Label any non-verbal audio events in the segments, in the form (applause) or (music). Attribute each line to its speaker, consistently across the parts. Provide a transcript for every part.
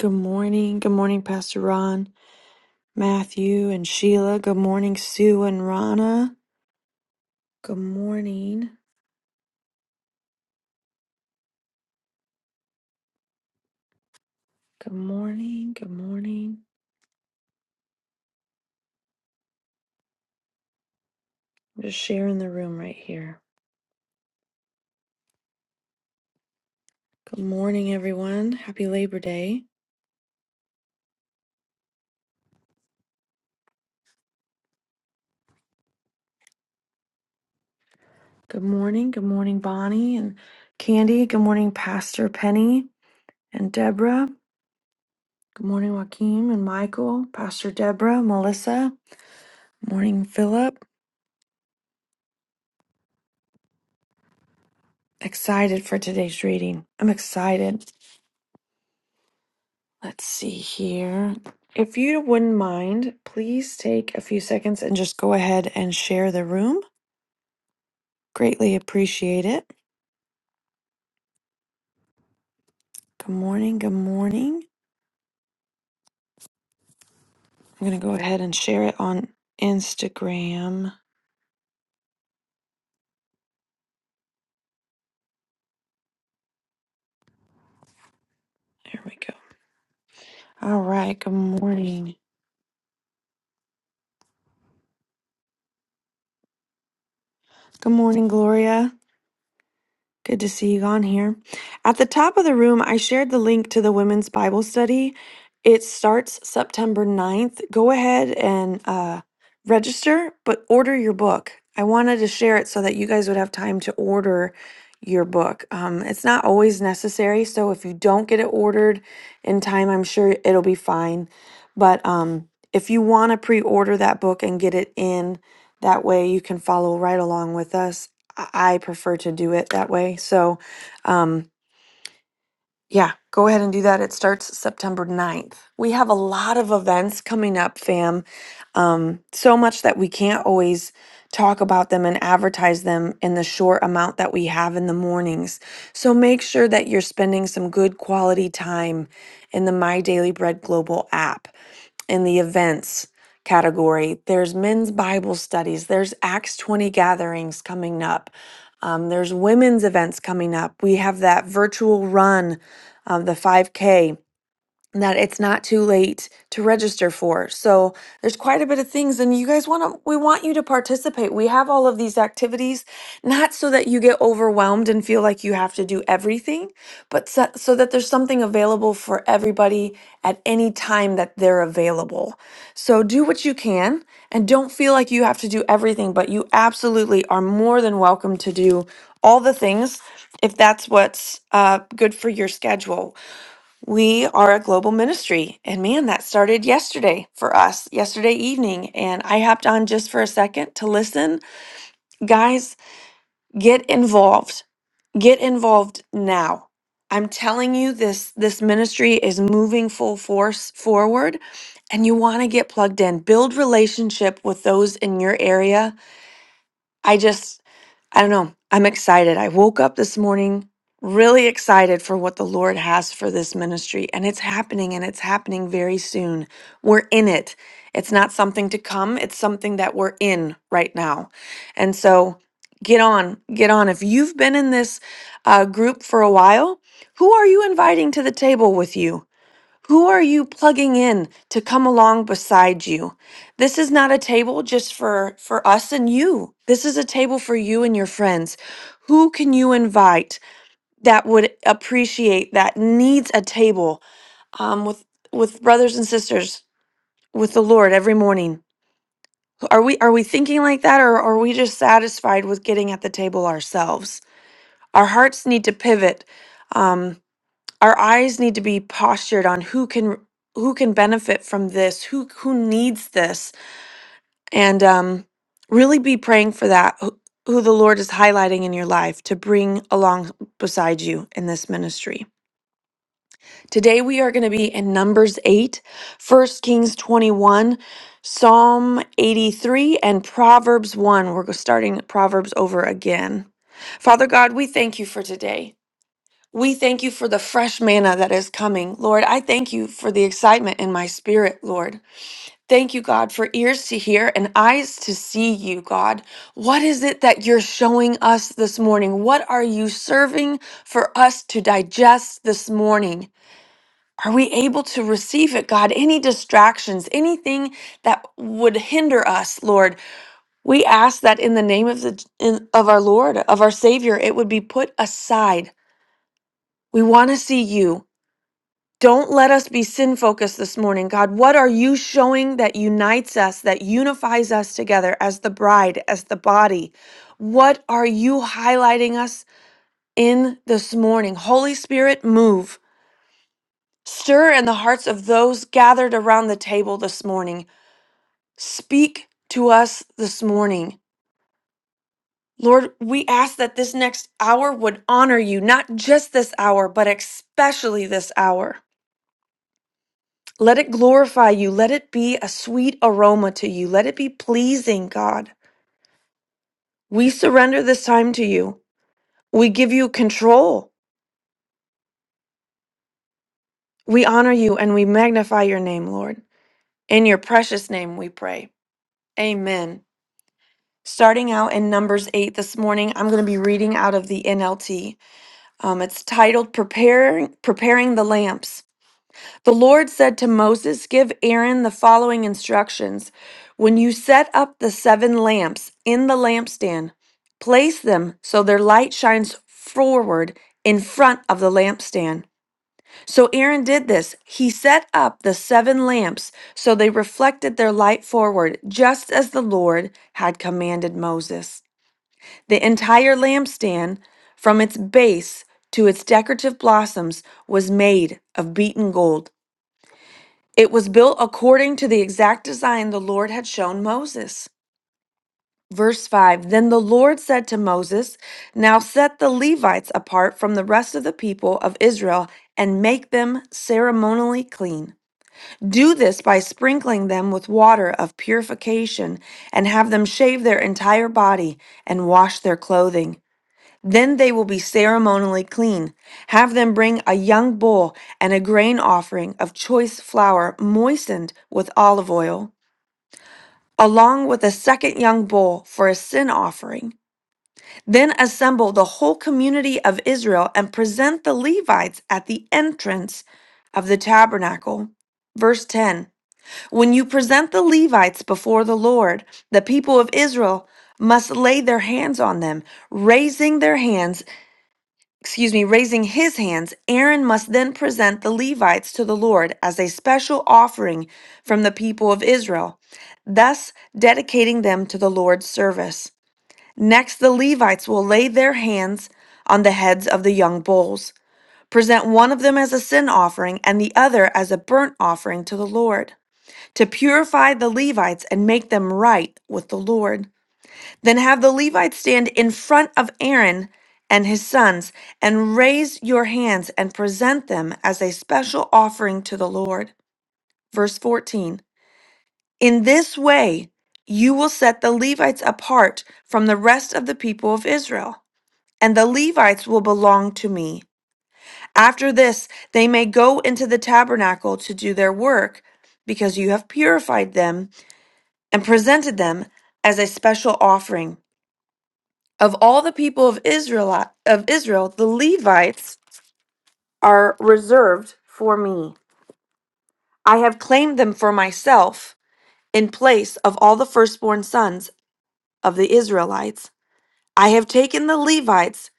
Speaker 1: Good morning. Good morning, Pastor Ron, Matthew, and Sheila. Good morning, Sue and Rana. Good morning. Good morning. Good morning. I'm just sharing the room right here. Good morning, everyone. Happy Labor Day. Good morning. Good morning, Bonnie and Candy. Good morning, Pastor Penny and Deborah. Good morning, Joaquin and Michael, Pastor Deborah, Melissa. Morning, Philip. Excited for today's reading. I'm excited. Let's see here. If you wouldn't mind, please take a few seconds and just go ahead and share the room. Greatly appreciate it. Good morning. Good morning. I'm going to go ahead and share it on Instagram. There we go. All right. Good morning. Good morning, Gloria. Good to see you on here. At the top of the room, I shared the link to the women's Bible study. It starts September ninth. Go ahead and uh, register, but order your book. I wanted to share it so that you guys would have time to order your book. Um, it's not always necessary, so if you don't get it ordered in time, I'm sure it'll be fine. But um, if you want to pre order that book and get it in, that way you can follow right along with us I I prefer to do it that way. So, um, yeah, go ahead and do that. It starts September ninth. We have a lot of events coming up, fam. Um, so much that we can't always talk about them and advertise them in the short amount that we have in the mornings. So make sure that you're spending some good quality time in the My Daily Bread Global app in the events category. There's men's Bible studies, there's Acts 20 gatherings coming up. Um, there's women's events coming up. We have that virtual run um, the 5K that it's not too late to register for. So there's quite a bit of things and you guys want to we want you to participate. We have all of these activities not so that you get overwhelmed and feel like you have to do everything, but so, so that there's something available for everybody at any time that they're available. So do what you can and don't feel like you have to do everything, but you absolutely are more than welcome to do all the things if that's what's uh, good for your schedule. We are a global ministry. And man, that started yesterday for us, yesterday evening. And I hopped on just for a second to listen. Guys, get involved. Get involved now. I'm telling you this this ministry is moving full force forward and you want to get plugged in. Build relationship with those in your area. I just I don't know. I'm excited. I woke up this morning really excited for what the Lord has for this ministry, and it's happening and it's happening very soon. We're in it. It's not something to come, it's something that we're in right now. And so get on, get on. If you've been in this uh, group for a while, who are you inviting to the table with you? Who are you plugging in to come along beside you? This is not a table just for for us and you. This is a table for you and your friends. Who can you invite that would appreciate that needs a table um, with with brothers and sisters with the Lord every morning? Are we are we thinking like that, or are we just satisfied with getting at the table ourselves? Our hearts need to pivot Um, our eyes need to be postured on who can who can benefit from this who who needs this and um really be praying for that who, who the lord is highlighting in your life to bring along beside you in this ministry today we are going to be in numbers 8, First kings 21 psalm 83 and proverbs 1 we're starting proverbs over again father god we thank you for today we thank you for the fresh manna that is coming. Lord, I thank you for the excitement in my spirit, Lord. Thank you, God, for ears to hear and eyes to see you, God. What is it that you're showing us this morning? What are you serving for us to digest this morning? Are we able to receive it, God? Any distractions, anything that would hinder us, Lord? We ask that in the name of the in, of our Lord, of our Savior, it would be put aside. We want to see you. Don't let us be sin focused this morning, God. What are you showing that unites us, that unifies us together as the bride, as the body? What are you highlighting us in this morning? Holy Spirit, move. Stir in the hearts of those gathered around the table this morning. Speak to us this morning. Lord, we ask that this next hour would honor you, not just this hour, but especially this hour. Let it glorify you. Let it be a sweet aroma to you. Let it be pleasing, God. We surrender this time to you. We give you control. We honor you and we magnify your name, Lord. In your precious name we pray. Amen. Starting out in Numbers 8 this morning, I'm going to be reading out of the NLT. Um, it's titled Preparing, Preparing the Lamps. The Lord said to Moses, Give Aaron the following instructions. When you set up the seven lamps in the lampstand, place them so their light shines forward in front of the lampstand. So Aaron did this. He set up the seven lamps so they reflected their light forward, just as the Lord had commanded Moses. The entire lampstand, from its base to its decorative blossoms, was made of beaten gold. It was built according to the exact design the Lord had shown Moses. Verse 5 Then the Lord said to Moses, Now set the Levites apart from the rest of the people of Israel and make them ceremonially clean. Do this by sprinkling them with water of purification and have them shave their entire body and wash their clothing. Then they will be ceremonially clean. Have them bring a young bull and a grain offering of choice flour moistened with olive oil, along with a second young bull for a sin offering. Then assemble the whole community of Israel and present the Levites at the entrance of the tabernacle. Verse 10 When you present the Levites before the Lord, the people of Israel must lay their hands on them, raising their hands excuse me, raising his hands, Aaron must then present the Levites to the Lord as a special offering from the people of Israel, thus dedicating them to the Lord's service. Next, the Levites will lay their hands on the heads of the young bulls. Present one of them as a sin offering and the other as a burnt offering to the Lord, to purify the Levites and make them right with the Lord. Then have the Levites stand in front of Aaron and his sons, and raise your hands and present them as a special offering to the Lord. Verse 14 In this way, you will set the Levites apart from the rest of the people of Israel, and the Levites will belong to me. After this, they may go into the tabernacle to do their work, because you have purified them and presented them as a special offering. Of all the people of Israel, of Israel, the Levites are reserved for me. I have claimed them for myself in place of all the firstborn sons of the Israelites. I have taken the Levites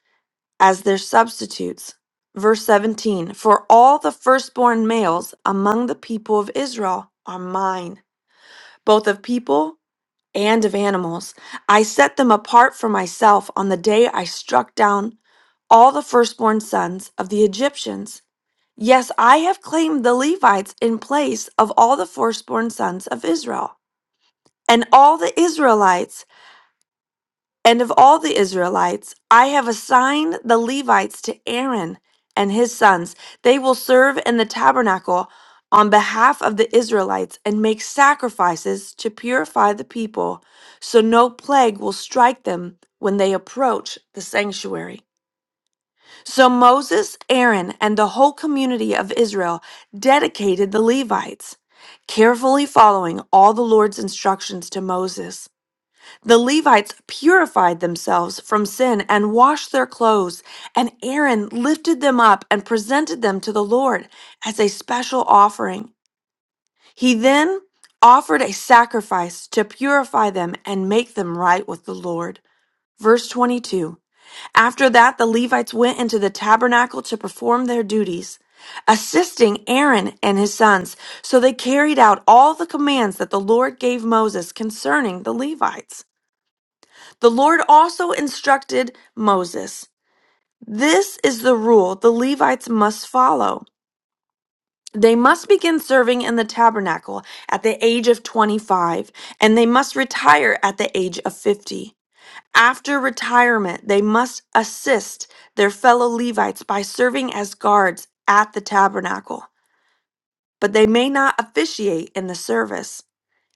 Speaker 1: as their substitutes. Verse 17 For all the firstborn males among the people of Israel are mine, both of people and of animals. I set them apart for myself on the day I struck down all the firstborn sons of the Egyptians. Yes, I have claimed the Levites in place of all the firstborn sons of Israel, and all the Israelites, and of all the Israelites, I have assigned the Levites to Aaron and his sons. They will serve in the tabernacle on behalf of the Israelites and make sacrifices to purify the people, so no plague will strike them when they approach the sanctuary. So Moses, Aaron, and the whole community of Israel dedicated the Levites, carefully following all the Lord's instructions to Moses. The Levites purified themselves from sin and washed their clothes, and Aaron lifted them up and presented them to the Lord as a special offering. He then offered a sacrifice to purify them and make them right with the Lord. Verse 22. After that, the Levites went into the tabernacle to perform their duties, assisting Aaron and his sons. So they carried out all the commands that the Lord gave Moses concerning the Levites. The Lord also instructed Moses This is the rule the Levites must follow. They must begin serving in the tabernacle at the age of 25, and they must retire at the age of 50. After retirement, they must assist their fellow Levites by serving as guards at the tabernacle, but they may not officiate in the service.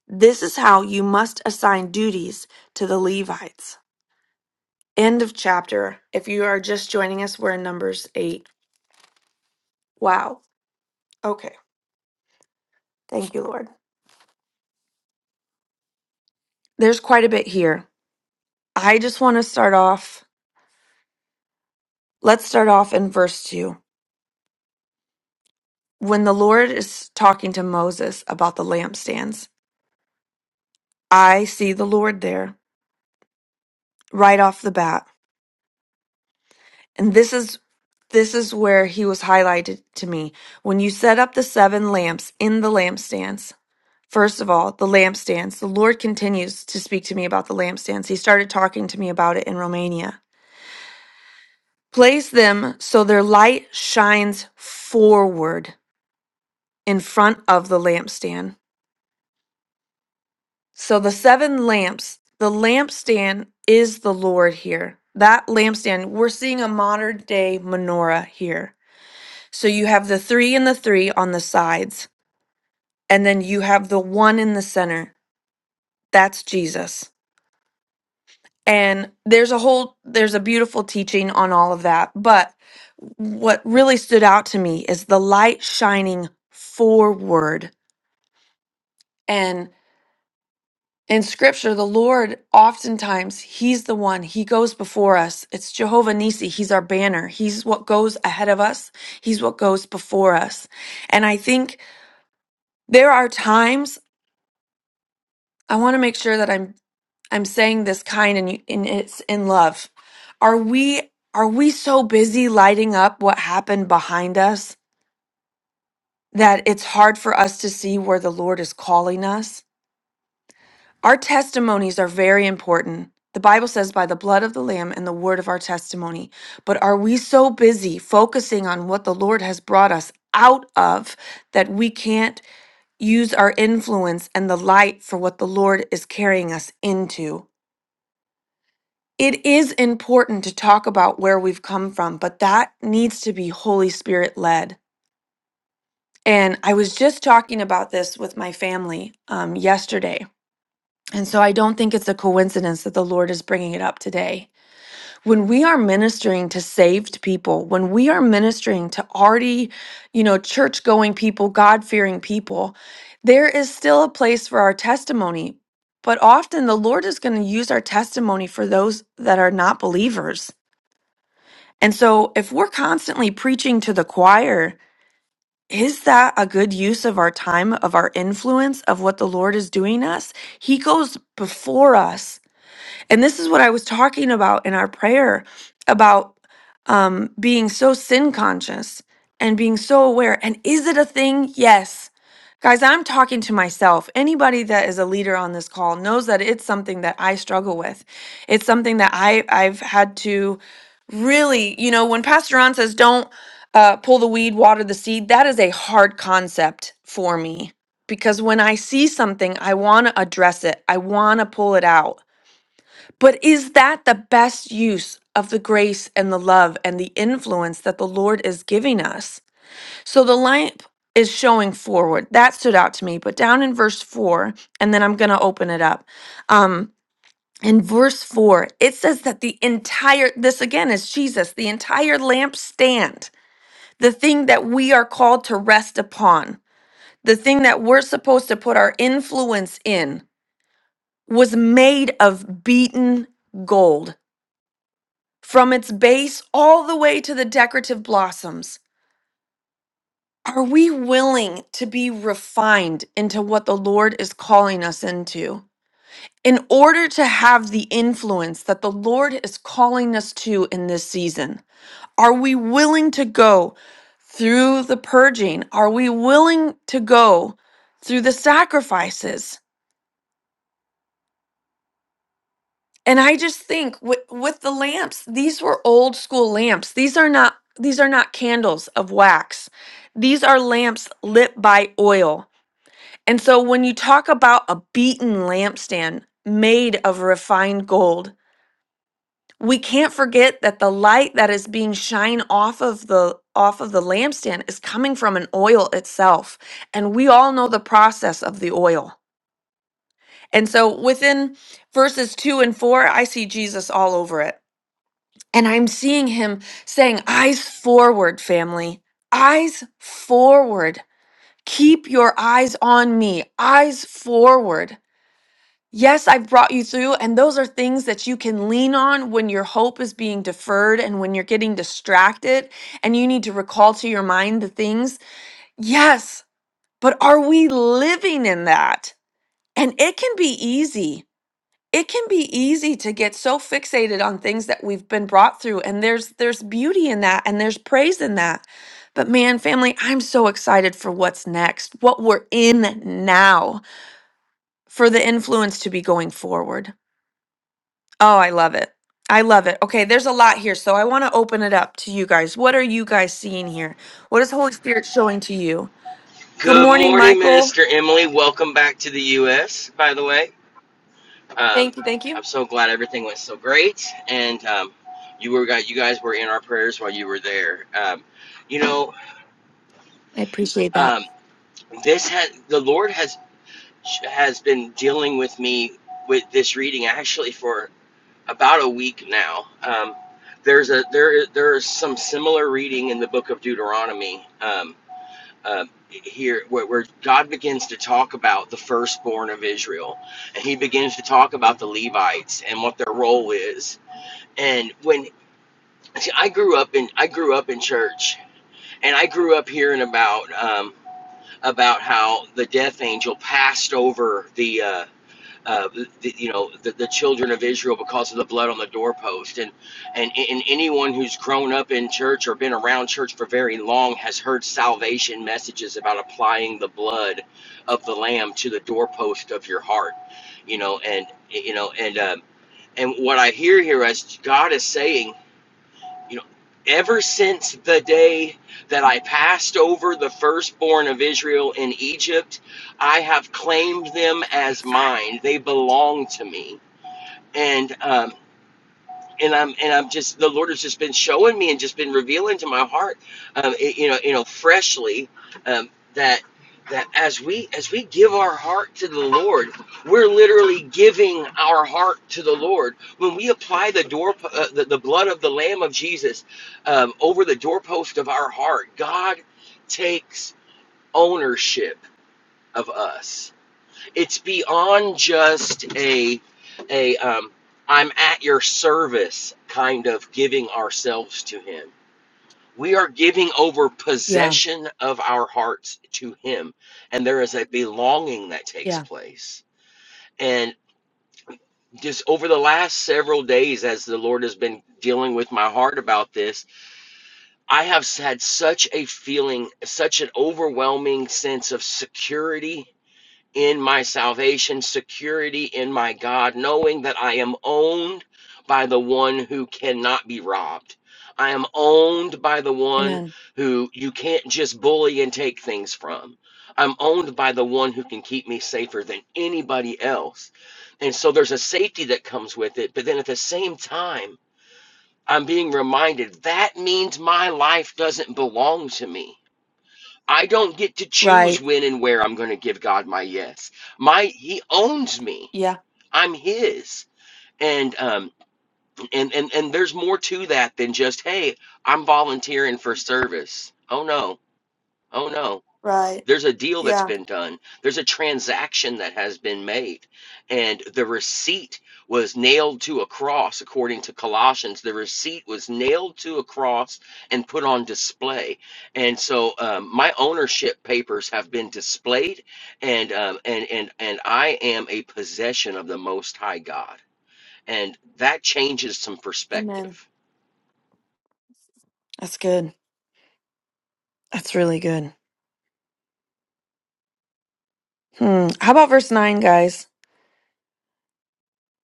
Speaker 1: This is how you must assign duties to the Levites. End of chapter. If you are just joining us, we're in Numbers 8. Wow. Okay. Thank you, Lord. There's quite a bit here. I just want to start off. Let's start off in verse 2. When the Lord is talking to Moses about the lampstands, I see the Lord there right off the bat. And this is this is where he was highlighted to me. When you set up the seven lamps in the lampstands, first of all, the lampstands, the Lord continues to speak to me about the lampstands. He started talking to me about it in Romania. Place them so their light shines forward in front of the lampstand. So the seven lamps, the lampstand is the Lord here. That lampstand, we're seeing a modern day menorah here. So you have the three and the three on the sides, and then you have the one in the center. That's Jesus. And there's a whole, there's a beautiful teaching on all of that. But what really stood out to me is the light shining forward. and. in scripture the lord oftentimes he's the one he goes before us it's jehovah Nissi. he's our banner he's what goes ahead of us he's what goes before us and i think there are times i want to make sure that i'm i'm saying this kind and, you- and it's in love are we are we so busy lighting up what happened behind us that it's hard for us to see where the lord is calling us Our testimonies are very important. The Bible says, by the blood of the Lamb and the word of our testimony. But are we so busy focusing on what the Lord has brought us out of that we can't use our influence and the light for what the Lord is carrying us into? It is important to talk about where we've come from, but that needs to be Holy Spirit led. And I was just talking about this with my family um, yesterday And so I don't think it's a coincidence that the Lord is bringing it up today. When we are ministering to saved people, when we are ministering to already, you know, church going people, God fearing people, there is still a place for our testimony. But often the Lord is going to use our testimony for those that are not believers. And so if we're constantly preaching to the choir, is that a good use of our time, of our influence, of what the Lord is doing us? He goes before us and this is what I was talking about in our prayer about um, being so sin conscious and being so aware. And is it a thing? Yes. Guys, I'm talking to myself. Anybody that is a leader on this call knows that it's something that I struggle with. It's something that I, I've had to really, you know, when Pastor Ron says, don't uh, pull the weed, water the seed, that is a hard concept for me because when I see something, I want to address it, I want to pull it out. But is that the best use of the grace and the love and the influence that the Lord is giving us? So the lamp is showing forward. That stood out to me. But down in verse four, and then I'm going to open it up. Um, in verse four, it says that the entire, this again is Jesus, the entire lampstand, the thing that we are called to rest upon, the thing that we're supposed to put our influence in, was made of beaten gold. from its base all the way to the decorative blossoms. Are we willing to be refined into what the Lord is calling us into in order to have the influence that the Lord is calling us to in this season? Are we willing to go through the purging? Are we willing to go through the sacrifices? And I just think with, with the lamps, these were old school lamps. These are not these are not candles of wax. These are lamps lit by oil. And so when you talk about a beaten lampstand made of refined gold, we can't forget that the light that is being shined off of the off of the lampstand is coming from an oil itself. And we all know the process of the oil. And so within verses 2 and 4, I see Jesus all over it And I'm seeing him saying, Eyes forward, family. Eyes forward. Keep your eyes on me. Eyes forward. Yes, I've brought you through. And those are things that you can lean on when your hope is being deferred and when you're getting distracted and you need to recall to your mind the things. Yes, but are we living in that? And it can be easy it can be easy to get so fixated on things that we've been brought through and there's there's beauty in that and there's praise in that but man family i'm so excited for what's next what we're in now for the influence to be going forward oh i love it i love it okay there's a lot here so i want to open it up to you guys what are you guys seeing here what is holy spirit showing to you good
Speaker 2: Good
Speaker 1: morning
Speaker 2: morning,
Speaker 1: michael
Speaker 2: Minister Emily. Welcome back to the U.S., by the way. Um,
Speaker 1: thank you thank
Speaker 2: I'm
Speaker 1: you
Speaker 2: so glad everything went so great, and um, you were got you guys were in our prayers while you were there. Um, you know,
Speaker 1: i appreciate that
Speaker 2: um, this had the Lord has has been dealing with me with this reading actually for about a week now. Um, there's a there there is some similar reading in the book of Deuteronomy. Um, um, here where, where God begins to talk about the firstborn of Israel, and He begins to talk about the Levites and what their role is. And when see, I grew up in I grew up in church, and I grew up hearing about um, about how the death angel passed over the uh, uh, the, you know the, the children of Israel because of the blood on the doorpost and, and and anyone who's grown up in church or been around church for very long has heard salvation messages about applying the blood of the lamb to the doorpost of your heart you know and you know and um, and what I hear here is God is saying you know, ever since the day that I passed over the firstborn of Israel in Egypt, I have claimed them as mine. They belong to me. And um, and I'm and I'm just the Lord has just been showing me and just been revealing to my heart, um, it- you know, you know, freshly um, that that as we as we give our heart to the Lord, we're literally giving our heart to the Lord when we apply the door uh, the, the blood of the Lamb of Jesus um, over the doorpost of our heart. God takes ownership of us it's beyond just a a um, I'm at your service kind of giving ourselves to him. We are giving over
Speaker 1: yeah
Speaker 2: possession of our hearts to him, and there is a belonging that takes
Speaker 1: yeah
Speaker 2: place. And just over the last several days, as the Lord has been dealing with my heart about this, I have had such a feeling, such an overwhelming sense of security in my salvation, security in my God, knowing that I am owned by the one who cannot be robbed. I am owned by the one
Speaker 1: amen
Speaker 2: who you can't just bully and take things from. I'm owned by the one who can keep me safer than anybody else. And so there's a safety that comes with it. But then at the same time, I'm being reminded that means my life doesn't belong to me I don't get to choose
Speaker 1: right
Speaker 2: when and where I'm going to give God my yes. My He owns me.
Speaker 1: Yeah.
Speaker 2: I'm His. And um and and and there's more to that than just hey, I'm volunteering for service. Oh no. Oh no.
Speaker 1: Right.
Speaker 2: There's a deal that's
Speaker 1: Yeah.
Speaker 2: been done. There's a transaction that has been made. And the receipt was nailed to a cross, according to Colossians. The receipt was nailed to a cross and put on display. And so um, my ownership papers have been displayed, and, um, and, and, and I am a possession of the Most High God. And that changes some
Speaker 1: Amen.
Speaker 2: perspective,
Speaker 1: That's good. That's really good. Hmm. How about verse 9, guys?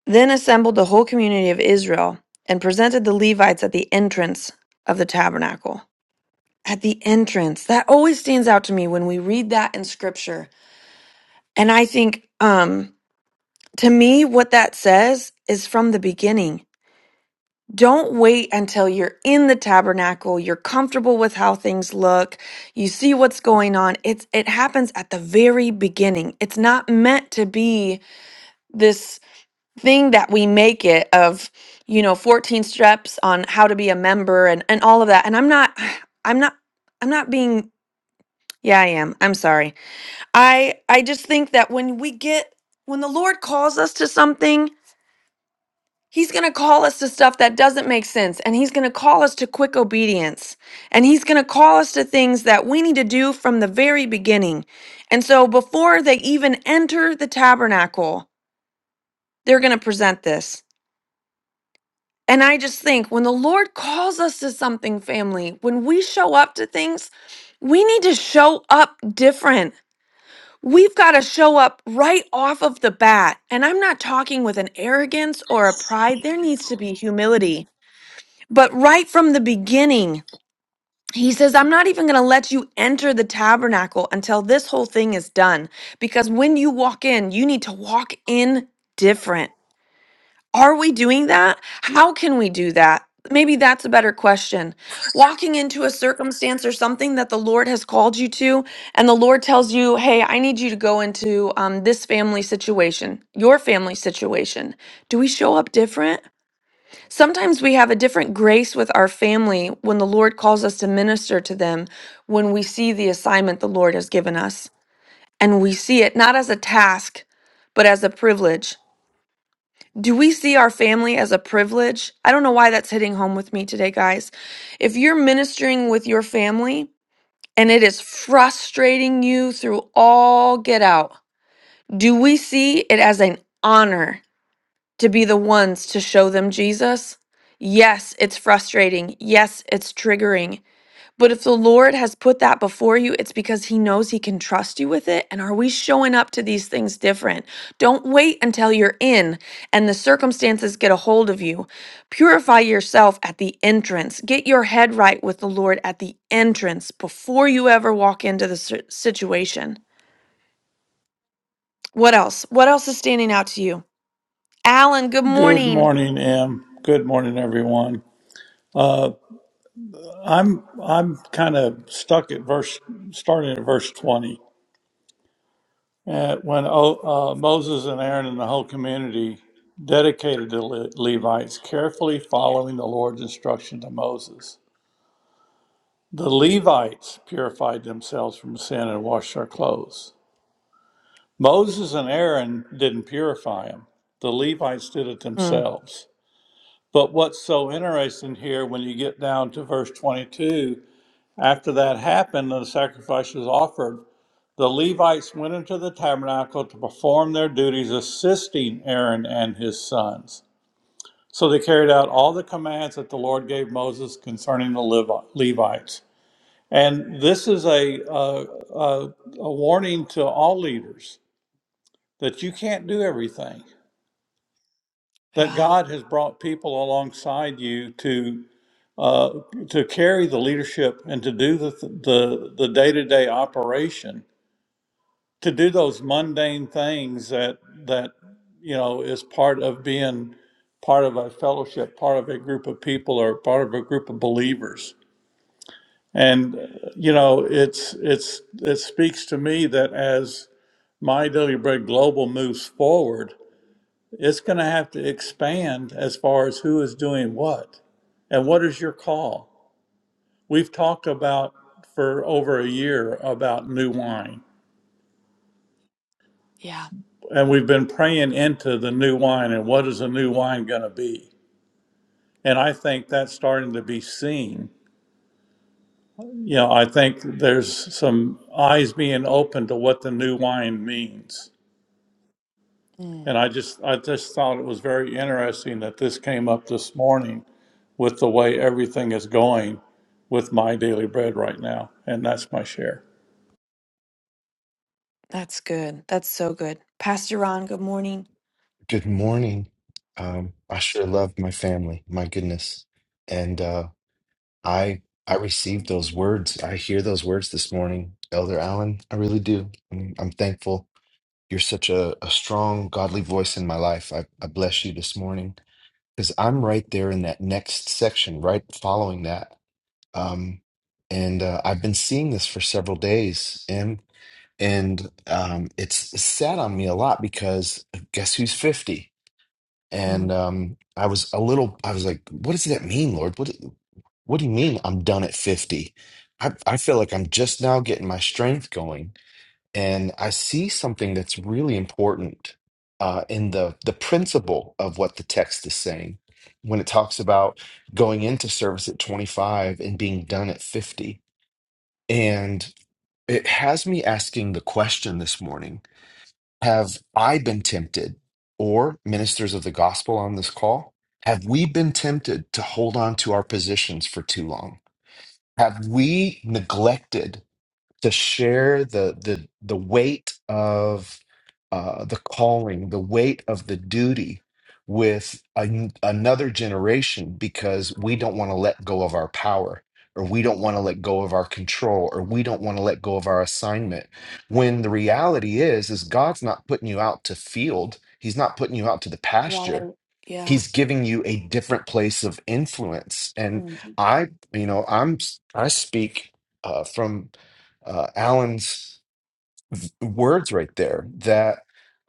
Speaker 1: Then assembled the whole community of Israel and presented the Levites at the entrance of the tabernacle. At the entrance. That always stands out to me when we read that in scripture. And I think, um, to me, what that says is from the beginning. Don't wait until you're in the tabernacle, you're comfortable with how things look, you see what's going on. It's it happens at the very beginning. It's not meant to be this thing that we make it of, you know, 14 steps on how to be a member and and all of that. And I'm not (sighs) I'm not I'm not being yeah, I am. I'm sorry. I I just think that when we get when the Lord calls us to something, He's going to call us to stuff that doesn't make sense, and he's going to call us to quick obedience, and he's going to call us to things that we need to do from the very beginning. And so, before they even enter the tabernacle, they're going to present this. And I just think when the Lord calls us to something, family, when we show up to things, we need to show up different. We've got to show up right off of the bat. And I'm not talking with an arrogance or a pride. There needs to be humility. But right from the beginning, he says, I'm not even going to let you enter the tabernacle until this whole thing is done. Because when you walk in, you need to walk in different. Are we doing that? How can we do that? Maybe that's a better question. Walking into a circumstance or something that the Lord has called you to, and the Lord tells you, Hey, I need you to go into um, this family situation, your family situation. Do we show up different? Sometimes we have a different grace with our family when the Lord calls us to minister to them, when we see the assignment the Lord has given us, and we see it not as a task, but as a privilege. Do we see our family as a privilege? I don't know why that's hitting home with me today, guys. If you're ministering with your family and it is frustrating you through all get out, do we see it as an honor to be the ones to show them Jesus? Yes, it's frustrating. Yes, it's triggering. But if the Lord has put that before you, it's because He knows He can trust you with it. And are we showing up to these things different? Don't wait until you're in and the circumstances get a hold of you. Purify yourself at the entrance. Get your head right with the Lord at the entrance before you ever walk into the si- situation. What else? What else is standing out to you? Alan, good
Speaker 3: Good
Speaker 1: morning.
Speaker 3: morning, Em. Good morning, everyone. Uh, I'm I'm kind of stuck at verse, starting at verse twenty, uh, when o, uh, Moses and Aaron and the whole community dedicated the Le- Levites, carefully following the Lord's instruction to Moses. The Levites purified themselves from sin and washed their clothes. Moses and Aaron didn't purify them; the Levites did it
Speaker 1: Mm,
Speaker 3: themselves. But what's so interesting here when you get down to verse 22 After that happened and the sacrifice was offered, the Levites went into the tabernacle to perform their duties, assisting Aaron and his sons. So they carried out all the commands that the Lord gave Moses concerning the Levites. And this is a, a, a, a warning to all leaders that you can't do everything, that
Speaker 1: yeah.
Speaker 3: God has brought people alongside you to. Uh, to carry the leadership and to do the the the day to day operation, to do those mundane things that that you know is part of being part of a fellowship part of a group of people or part of a group of believers and uh, you know it's it's it speaks to me that as my daily bread global moves forward it's going to have to expand as far as who is doing what and what is your call we've talked about for over a year about new wine
Speaker 1: Yeah.
Speaker 3: And we've been praying into the new wine and what is the new wine going to be? And I think that's starting to be seen. You know, I think there's some eyes being open to what the new wine means.
Speaker 1: Mm,
Speaker 3: And I just I just thought it was very interesting that this came up this morning with the way everything is going with my daily bread right now. And that's my share.
Speaker 1: that's good. That's so good. Pastor Ron, good morning.
Speaker 4: Good morning. Um, I sure love my family. My goodness, and uh, I I received those words. I hear those words this morning, Elder Allen. I really do. I'm, I'm thankful. You're such a, a strong, godly voice in my life. I, I bless you this morning because I'm right there in that next section, right following that. Um, and uh, I've been seeing this for several days, and and um, it's sat on me a lot because uh, guess who's 50? And
Speaker 1: Mm.
Speaker 4: um, I was a little, I was like, what does that mean, Lord? What, what do you mean I'm done at 50? I, I feel like I'm just now getting my strength going. And I see something that's really important uh, in the, the principle of what the text is saying. When it talks about going into service at 25 and being done at 50. And it has me asking the question this morning have I been tempted, or ministers of the gospel on this call, have we been tempted to hold on to our positions for too long? Have we neglected? to share the the the weight of uh, the calling, the weight of the duty with an, another generation because we don't want to let go of our power or we don't want to let go of our control or we don't want to let go of our assignment when the reality is is God's not putting you out to field he's not putting you out to the pasture
Speaker 1: Right. Yeah.
Speaker 4: he's giving you a different place of influence and
Speaker 1: Mm.
Speaker 4: i you know i'm i speak uh, from uh, alan's words right there that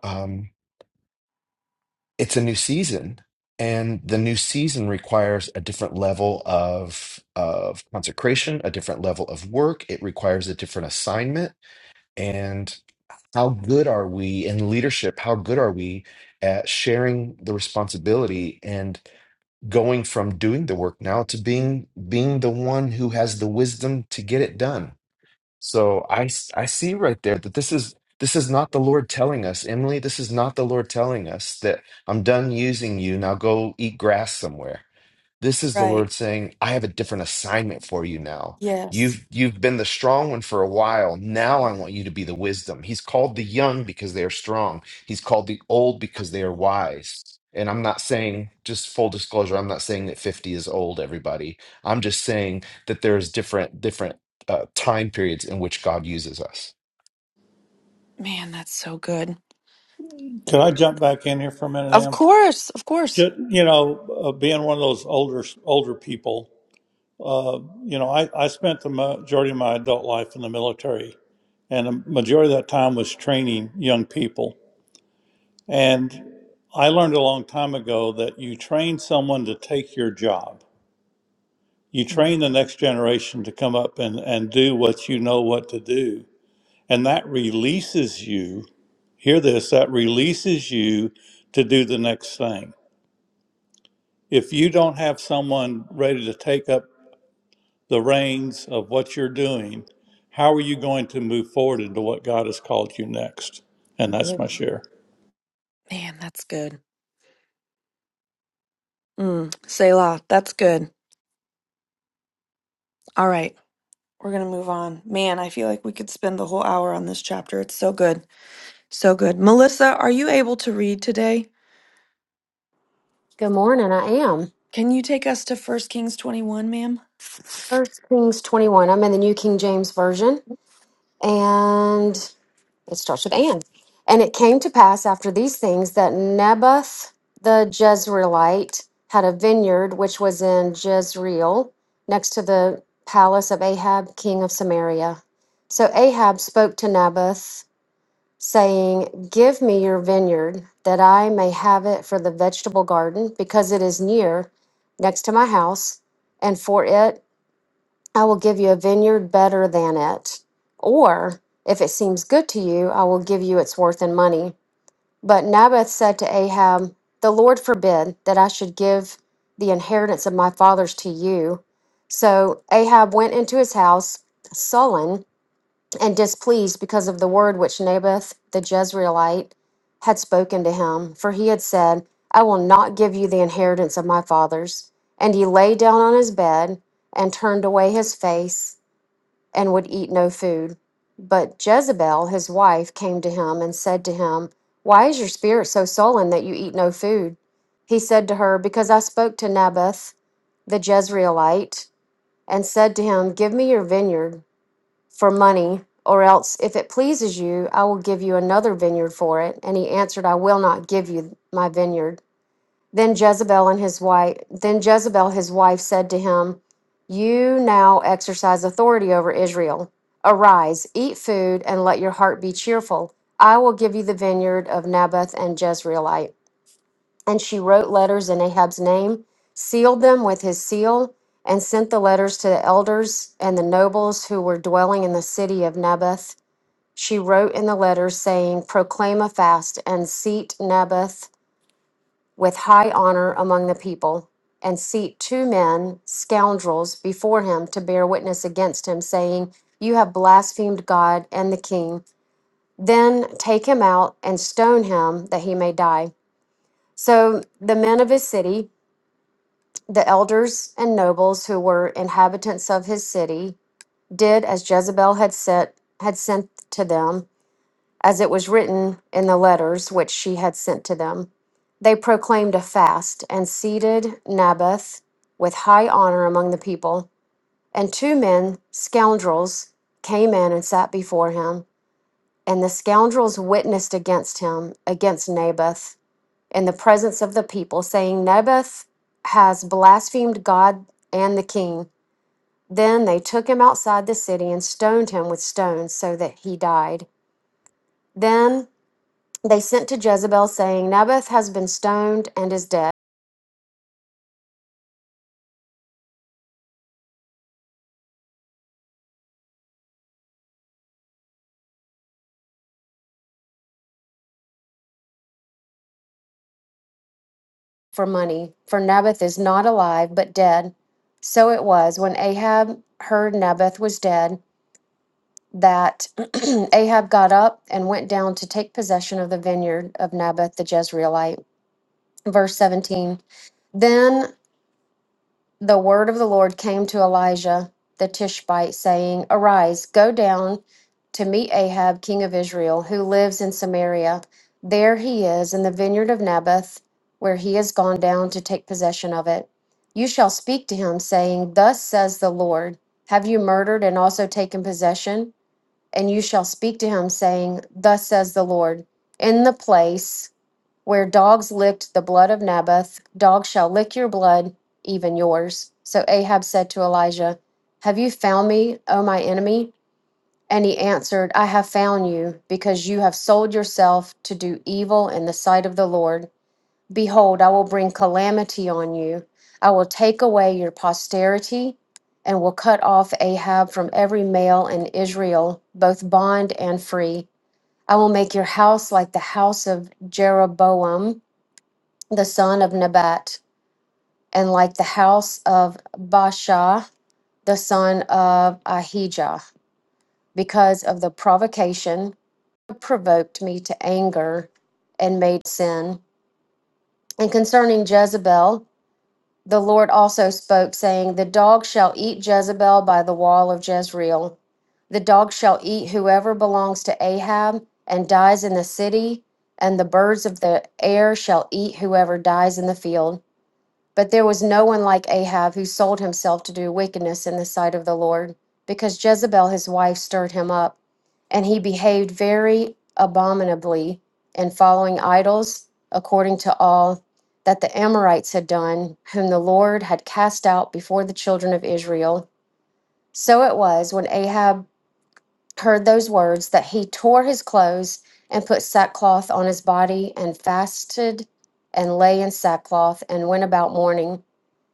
Speaker 4: um, it's a new season and the new season requires a different level of of consecration a different level of work it requires a different assignment and how good are we in leadership how good are we at sharing the responsibility and? going from doing the work now to being being the one who has the wisdom to get it done so i s- i see right there that this is this is not the lord telling us emily this is not the lord telling us that i'm done using you now go eat grass somewhere this is the
Speaker 1: Right.
Speaker 4: Lord saying, I have a different assignment for you now.
Speaker 1: Yes.
Speaker 4: You've you've been the strong one for a while. Now I want you to be the wisdom. He's called the young because they are strong. He's called the old because they are wise. And I'm not saying, just full disclosure, I'm not saying that 50 is old, everybody. I'm just saying that there's different different uh, time periods in which God uses us.
Speaker 1: Man, that's so good.
Speaker 3: Can I jump back in here for a minute,
Speaker 1: Of
Speaker 3: Em?
Speaker 1: course. Of course.
Speaker 3: Just, you know, uh, being one of those older older people, Uh, you know, I, I spent the majority of my adult life in the military, and the majority of that time was training young people. And I learned a long time ago that you train someone to take your job. You train
Speaker 1: Mm-hmm.
Speaker 3: the next generation to come up and, and do what you know what to do. And that releases you, hear this, that releases you to do the next thing. If you don't have someone ready to take up the reins of what you're doing, how are you going to move forward into what God has called you next? And that's
Speaker 1: Good.
Speaker 3: my share.
Speaker 1: Man, that's good. Mm, Selah, that's good. All right, we're going to move on. Man, I feel like we could spend the whole hour on this chapter. It's so good. So good. Melissa, are you able to read today?
Speaker 5: Good morning. I am.
Speaker 1: Can you take us to First Kings 21, ma'am?
Speaker 5: First Kings 21. I'm in the New King James Version. And it starts with and. And it came to pass after these things that Naboth the Jezreelite had a vineyard which was in Jezreel, next to the palace of Ahab, king of Samaria. So Ahab spoke to Naboth, saying, Give me your vineyard, that I may have it for the vegetable garden, because it is near, next to my house, and for it I will give you a vineyard better than it. Or, if it seems good to you, I will give you its worth in money. But Naboth said to Ahab, The Lord forbid that I should give the inheritance of my fathers to you. So Ahab went into his house, sullen and displeased because of the word which Naboth the Jezreelite had spoken to him. For he had said, I will not give you the inheritance of my fathers. And he lay down on his bed and turned away his face and would eat no food. But Jezebel, his wife, came to him and said to him, Why is your spirit so sullen that you eat no food? He said to her, Because I spoke to Naboth the Jezreelite and said to him, Give me your vineyard for money, or else, if it pleases you, I will give you another vineyard for it. And he answered, I will not give you my vineyard. Then Jezebel and his wife, then Jezebel his wife said to him, "You now exercise authority over Israel. Arise, eat food, and let your heart be cheerful. I will give you the vineyard of Naboth and Jezreelite." And she wrote letters in Ahab's name, sealed them with his seal, and sent the letters to the elders and the nobles who were dwelling in the city of Naboth. She wrote in the letters saying, "Proclaim a fast and seat Naboth." with high honor among the people, and seat two men, scoundrels, before him to bear witness against him, saying, You have blasphemed God and the king. Then take him out and stone him that he may die. So the men of his city, the elders and nobles who were inhabitants of his city, did as Jezebel had sent, had sent to them as it was written in the letters which she had sent to them. They proclaimed a fast and seated Naboth with high honor among the people. And two men, scoundrels, came in and sat before him. And the scoundrels witnessed against him, against Naboth, in the presence of the people, saying, Naboth has blasphemed God and the king. Then they took him outside the city and stoned him with stones so that he died. Then They sent to Jezebel, saying, Naboth has been stoned and is dead for money, for Naboth is not alive, but dead. So it was when Ahab heard Naboth was dead that (clears throat) Ahab got up and went down to take possession of the vineyard of Naboth the Jezreelite. Verse 17. Then. the word of the Lord came to Elijah the Tishbite, saying, Arise, go down to meet Ahab, king of Israel, who lives in Samaria. There he is in the vineyard of Naboth, where he has gone down to take possession of it. You shall speak to him, saying, Thus says the Lord, Have you murdered and also taken possession? And you shall speak to him, saying, Thus says the Lord, In the place where dogs licked the blood of Naboth, dogs shall lick your blood, even yours. So Ahab said to Elijah, Have you found me, O my enemy? And he answered, I have found you, because you have sold yourself to do evil in the sight of the Lord. Behold, I will bring calamity on you. I will take away your posterity and will cut off Ahab from every male in Israel, both bond and free. I will make your house like the house of Jeroboam the son of Nebat, and like the house of Baasha, the son of Ahijah, because of the provocation that provoked me to anger and made sin. And concerning Jezebel, the Lord also spoke, saying, The dog shall eat Jezebel by the wall of Jezreel. The dog shall eat whoever belongs to Ahab and dies in the city, and the birds of the air shall eat whoever dies in the field. But there was no one like Ahab who sold himself to do wickedness in the sight of the Lord, because Jezebel his wife stirred him up, and he behaved very abominably in following idols, according to all that the Amorites had done, whom the Lord had cast out before the children of Israel. So it was when Ahab heard those words that he tore his clothes and put sackcloth on his body and fasted and lay in sackcloth and went about mourning.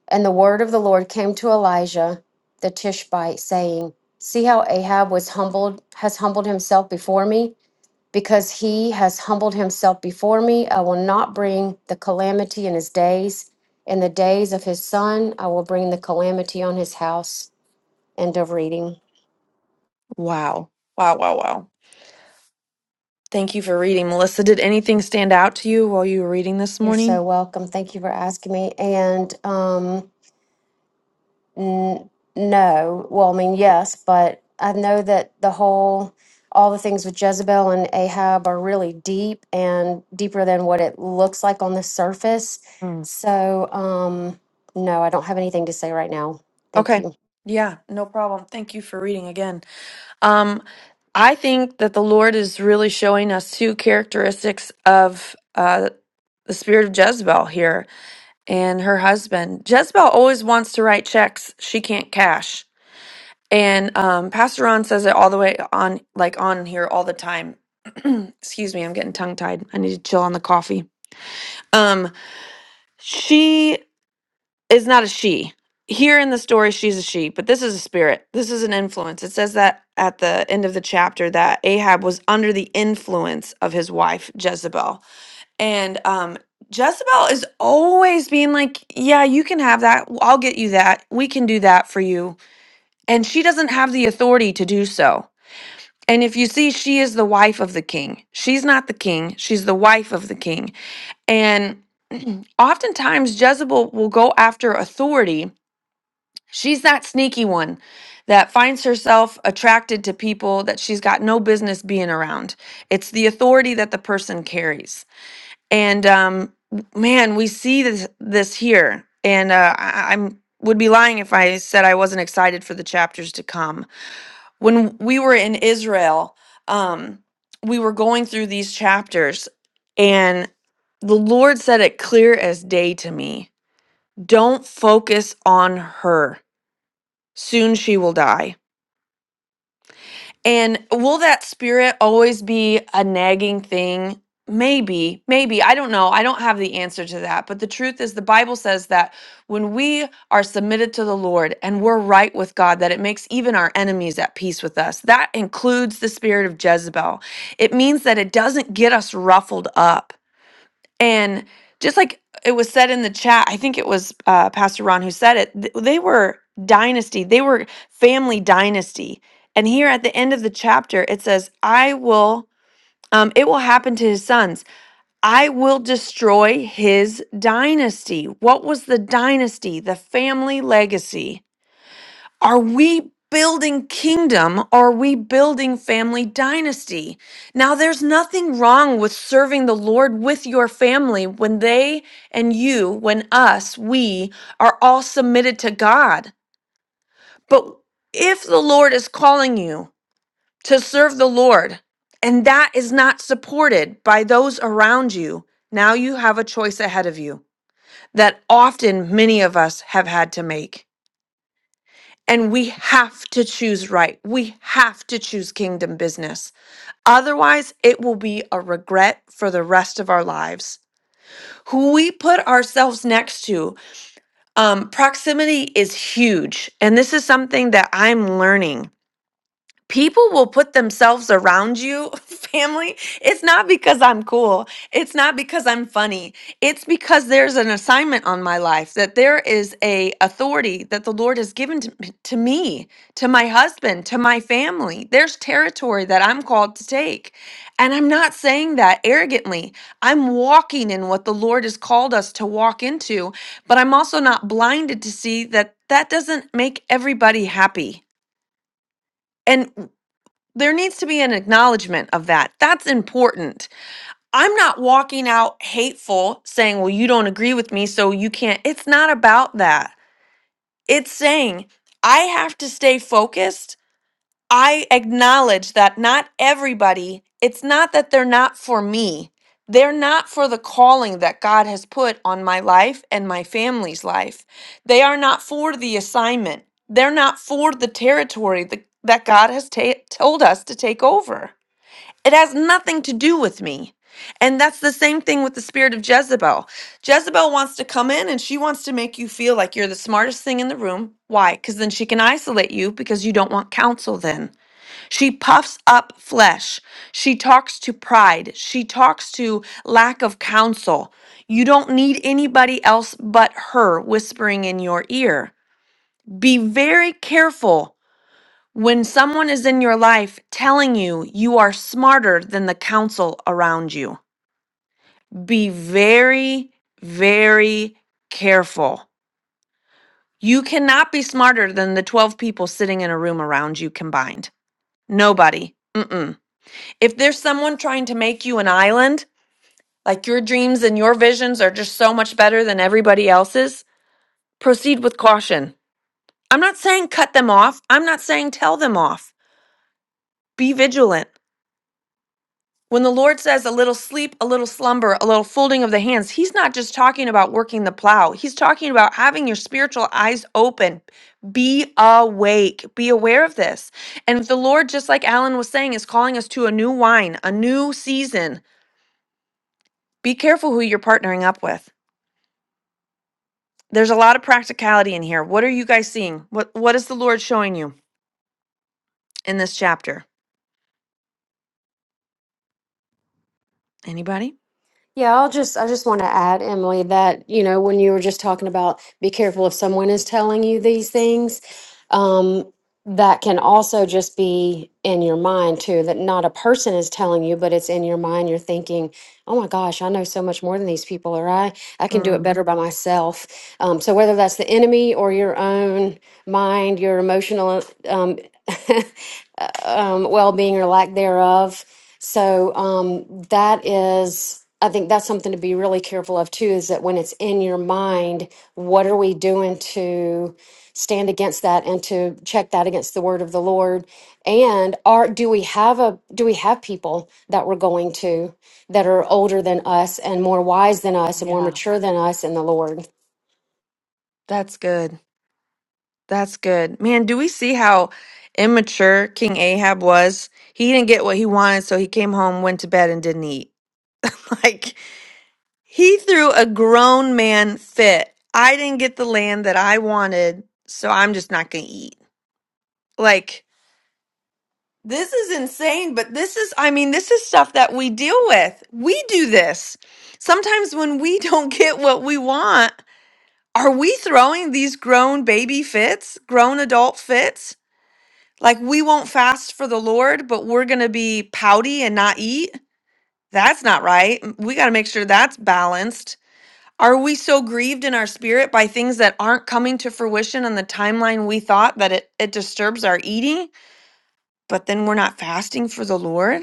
Speaker 5: And the word of the Lord came to Elijah the Tishbite, saying, See how Ahab was humbled, has humbled himself before me? Because he has humbled himself before me, I will not bring the calamity in his days. In the days of his son, I will bring the calamity on his house. End of reading.
Speaker 1: Wow. Wow, wow, wow. Thank you for reading, Melissa. Did anything stand out to you while you were reading this
Speaker 5: You're
Speaker 1: morning?
Speaker 5: so welcome. Thank you for asking me. And um, N- no. Well, I mean, yes, but I know that the whole, all the things with Jezebel and Ahab are really deep and deeper than what it looks like on the surface.
Speaker 1: Mm.
Speaker 5: So, um, no, I don't have anything to say right now. Thank
Speaker 1: Okay.
Speaker 5: you.
Speaker 1: Yeah, no problem. Thank you for reading again. Um, I think that the Lord is really showing us two characteristics of. uh, the spirit of Jezebel here and her husband. Jezebel always wants to write checks she can't cash. And um, Pastor Ron says it all the way on, like on here all the time. (clears throat) Excuse me, I'm getting tongue tied. I need to chill on the coffee. Um, she is not a she. Here in the story, she's a she, but this is a spirit. This is an influence. It says that at the end of the chapter that Ahab was under the influence of his wife, Jezebel And um, Jezebel is always being like, Yeah, you can have that. i I'll get you that. We can do that for you. And she doesn't have the authority to do so. And if you see, she is the wife of the king. She's not the king, she's the wife of the king. And (clears throat) oftentimes, Jezebel will go after authority. She's that sneaky one that finds herself attracted to people that she's got no business being around. It's the authority that the person carries and um, man, we see this this here, and uh, I, I'm would be lying if I said I wasn't excited for the chapters to come. When we were in Israel, um, we were going through these chapters, and the Lord said it clear as day to me: "Don't focus on her. Soon she will die." And will that spirit always be a nagging thing? Maybe, maybe. I don't know. I don't have the answer to that. But the truth is, the Bible says that when we are submitted to the Lord and we're right with God, that it makes even our enemies at peace with us. That includes the spirit of Jezebel. It means that it doesn't get us ruffled up. And just like it was said in the chat, I think it was uh, Pastor Ron who said it, th- they were dynasty, they were family dynasty. And here at the end of the chapter, it says, I will, um, it will happen to his sons. I will destroy his dynasty. What was the dynasty? The family legacy. Are we building kingdom? Are we building family dynasty? Now, there's nothing wrong with serving the Lord with your family when they and you, when us, we are all submitted to God. But if the Lord is calling you to serve the Lord and that is not supported by those around you, now you have a choice ahead of you that often many of us have had to make. And we have to choose right. We have to choose kingdom business. Otherwise, it will be a regret for the rest of our lives. Who we put ourselves next to, um, proximity is huge. And this is something that I'm learning people will put themselves around you, (laughs) family. It's not because I'm cool. It's not because I'm funny. It's because there's an assignment on my life that there is a authority that the Lord has given to, m- to me, to my husband, to my family. There's territory that I'm called to take. And I'm not saying that arrogantly. I'm walking in what the Lord has called us to walk into, but I'm also not blinded to see that that doesn't make everybody happy. And there needs to be an acknowledgement of that. That's important. I'm not walking out hateful saying, well, you don't agree with me, so you can't. It's not about that. It's saying, I have to stay focused. I acknowledge that not everybody, it's not that they're not for me. They're not for the calling that God has put on my life and my family's life. They are not for the assignment. They're not for the territory that, that God has ta- told us to take over. It has nothing to do with me. And that's the same thing with the spirit of Jezebel. Jezebel wants to come in and she wants to make you feel like you're the smartest thing in the room. Why? Because then she can isolate you because you don't want counsel then. She puffs up flesh. She talks to pride. She talks to lack of counsel. You don't need anybody else but her whispering in your ear. Be very careful when someone is in your life telling you you are smarter than the council around you, be very, very careful. You cannot be smarter than the 12 people sitting in a room around you combined. Nobody. Mm-mm. If there's someone trying to make you an island, like your dreams and your visions are just so much better than everybody else's, proceed with caution. I'm not saying cut them off. I'm not saying tell them off. Be vigilant. When the Lord says a little sleep, a little slumber, a little folding of the hands, He's not just talking about working the plow. He's talking about having your spiritual eyes open. Be awake. Be aware of this. And if the Lord, just like Alan was saying, is calling us to a new wine, a new season, be careful who you're partnering up with. There's a lot of practicality in here. What are you guys seeing? What What is the Lord showing you in this chapter? Anybody?
Speaker 5: Yeah, I'll just I just want to add, Emily, that you know when you were just talking about be careful if someone is telling you these things, um, that can also just be in your mind too. That not a person is telling you, but it's in your mind. You're thinking, "Oh my gosh, I know so much more than these people," or "I I can do it
Speaker 1: Mm,
Speaker 5: better by myself." Um, so whether that's the enemy or your own mind, your emotional um, (laughs) um, well-being or lack thereof. So um, that is, I think that's something to be really careful of too. Is that when it's in your mind, what are we doing to stand against that and to check that against the word of the Lord? And are do we have a do we have people that we're going to that are older than us and more wise than us and more
Speaker 1: yeah,
Speaker 5: mature than us in the Lord?
Speaker 1: that's good. That's good. Man, do we see how immature King Ahab was? He didn't get what he wanted, so he came home, went to bed, and didn't eat. (laughs) Like. He threw a grown man fit. I didn't get the land that I wanted, so I'm just not going to eat. Like, this is insane, but this is, I mean, this is stuff that we deal with. We do this. Sometimes when we (laughs) don't get what we want, are we throwing these grown baby fits, grown adult fits? Like, we won't fast for the Lord, but we're going to be pouty and not eat? That's not right. We got to make sure that's balanced Are we so grieved in our spirit by things that aren't coming to fruition on the timeline we thought that it, it disturbs our eating, but then we're not fasting for the Lord?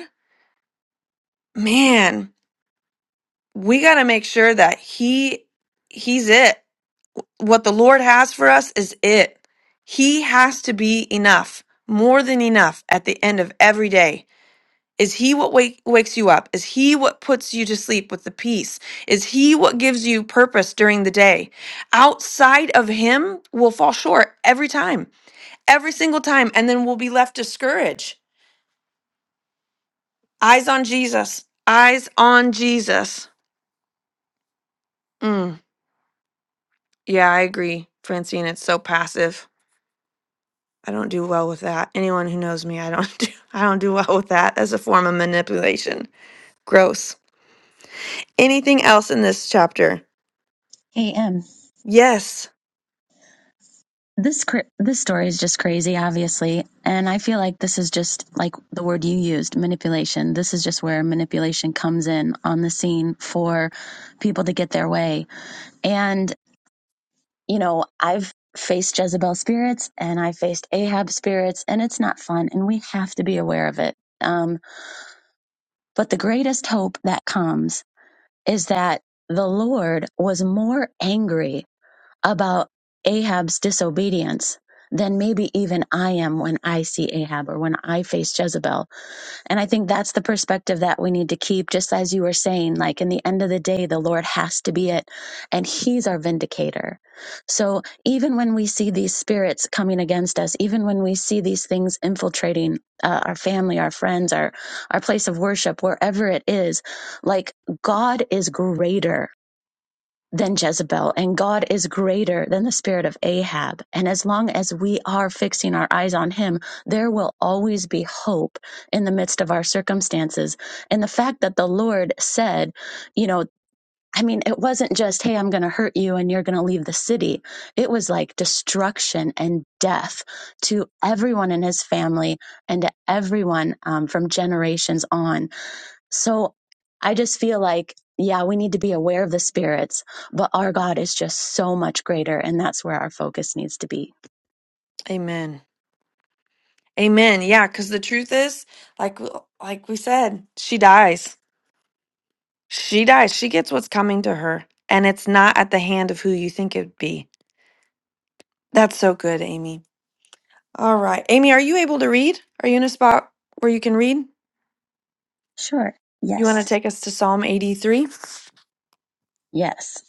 Speaker 1: Man, we got to make sure that he he's it. What the Lord has for us is it. He has to be enough, more than enough at the end of every day. Is he what wake, wakes you up? Is he what puts you to sleep with the peace? Is he what gives you purpose during the day? Outside of him, we'll fall short every time, every single time, and then we'll be left discouraged. Eyes on Jesus, eyes on Jesus. Mm, yeah, I agree, Francine. It's so passive. I don't do well with that. Anyone who knows me, I don't (laughs) do, I don't do well with that as a form of manipulation. Gross. Anything else in this chapter?
Speaker 6: Hey, Em,
Speaker 1: Yes.
Speaker 6: this cr- this story is just crazy, obviously, and I feel like this is just like the word you used, manipulation. This is just where manipulation comes in on the scene for people to get their way. And you know, I've faced Jezebel spirits and I faced Ahab spirits, and it's not fun, and we have to be aware of it. Um, but the greatest hope that comes is that the Lord was more angry about Ahab's disobedience than maybe even I am when I see Ahab or when I face Jezebel. And I think that's the perspective that we need to keep, just as you were saying, like in the end of the day, the Lord has to be it, and He's our vindicator. So even when we see these spirits coming against us, even when we see these things infiltrating uh, our family, our friends, our, our place of worship, wherever it is, like God is greater than Jezebel, and God is greater than the spirit of Ahab. And as long as we are fixing our eyes on Him, there will always be hope in the midst of our circumstances. And the fact that the Lord said, you know, I mean, it wasn't just, hey, I'm going to hurt you and you're going to leave the city. It was like destruction and death to everyone in his family and to everyone um, from generations on. So I just feel like, yeah, we need to be aware of the spirits, but our God is just so much greater. And that's where our focus needs to be.
Speaker 1: Amen. Amen. Yeah, because the truth is, like like we said, she dies. She dies. She gets what's coming to her. And it's not at the hand of who you think it'd be. That's so good, Amy. All right. Amy, are you able to read? Are you in a spot where you can read?
Speaker 6: Sure.
Speaker 1: You want to
Speaker 6: Yes.
Speaker 1: take us to Psalm 83?
Speaker 6: Yes.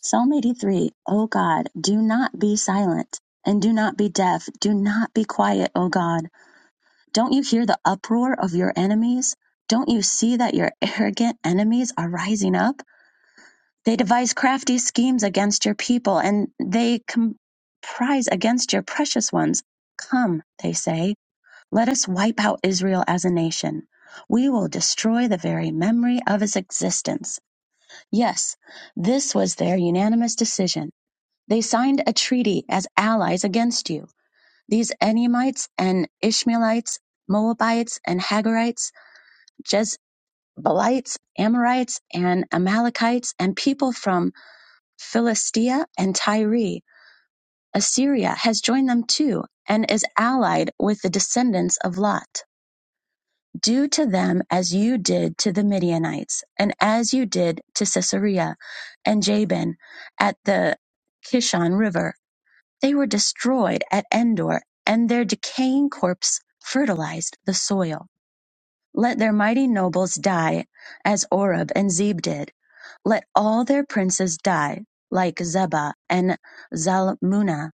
Speaker 6: Psalm 83. O God, do not be silent and do not be deaf. Do not be quiet, O God. Don't you hear the uproar of your enemies? Don't you see that your (laughs) arrogant enemies are rising up? They devise crafty schemes against your people, and they comprise against your precious ones. Come, they say, let us wipe out Israel as a nation. We will destroy the very memory of its existence. Yes, this was their unanimous decision. They signed a treaty as allies against you. These Enemites and Ishmaelites, Moabites and Hagarites, Jezebelites, Amorites and Amalekites, and people from Philistia, and Tyre. Assyria has joined them too, and is allied with the descendants of Lot. Do to them as you did to the Midianites, and as you did to Sisera and Jabin at the Kishon River. They were destroyed at Endor, and their decaying corpse fertilized the soil. Let their mighty nobles die as Oreb and Zeb did let all their princes die, like Zebah and Zalmunna,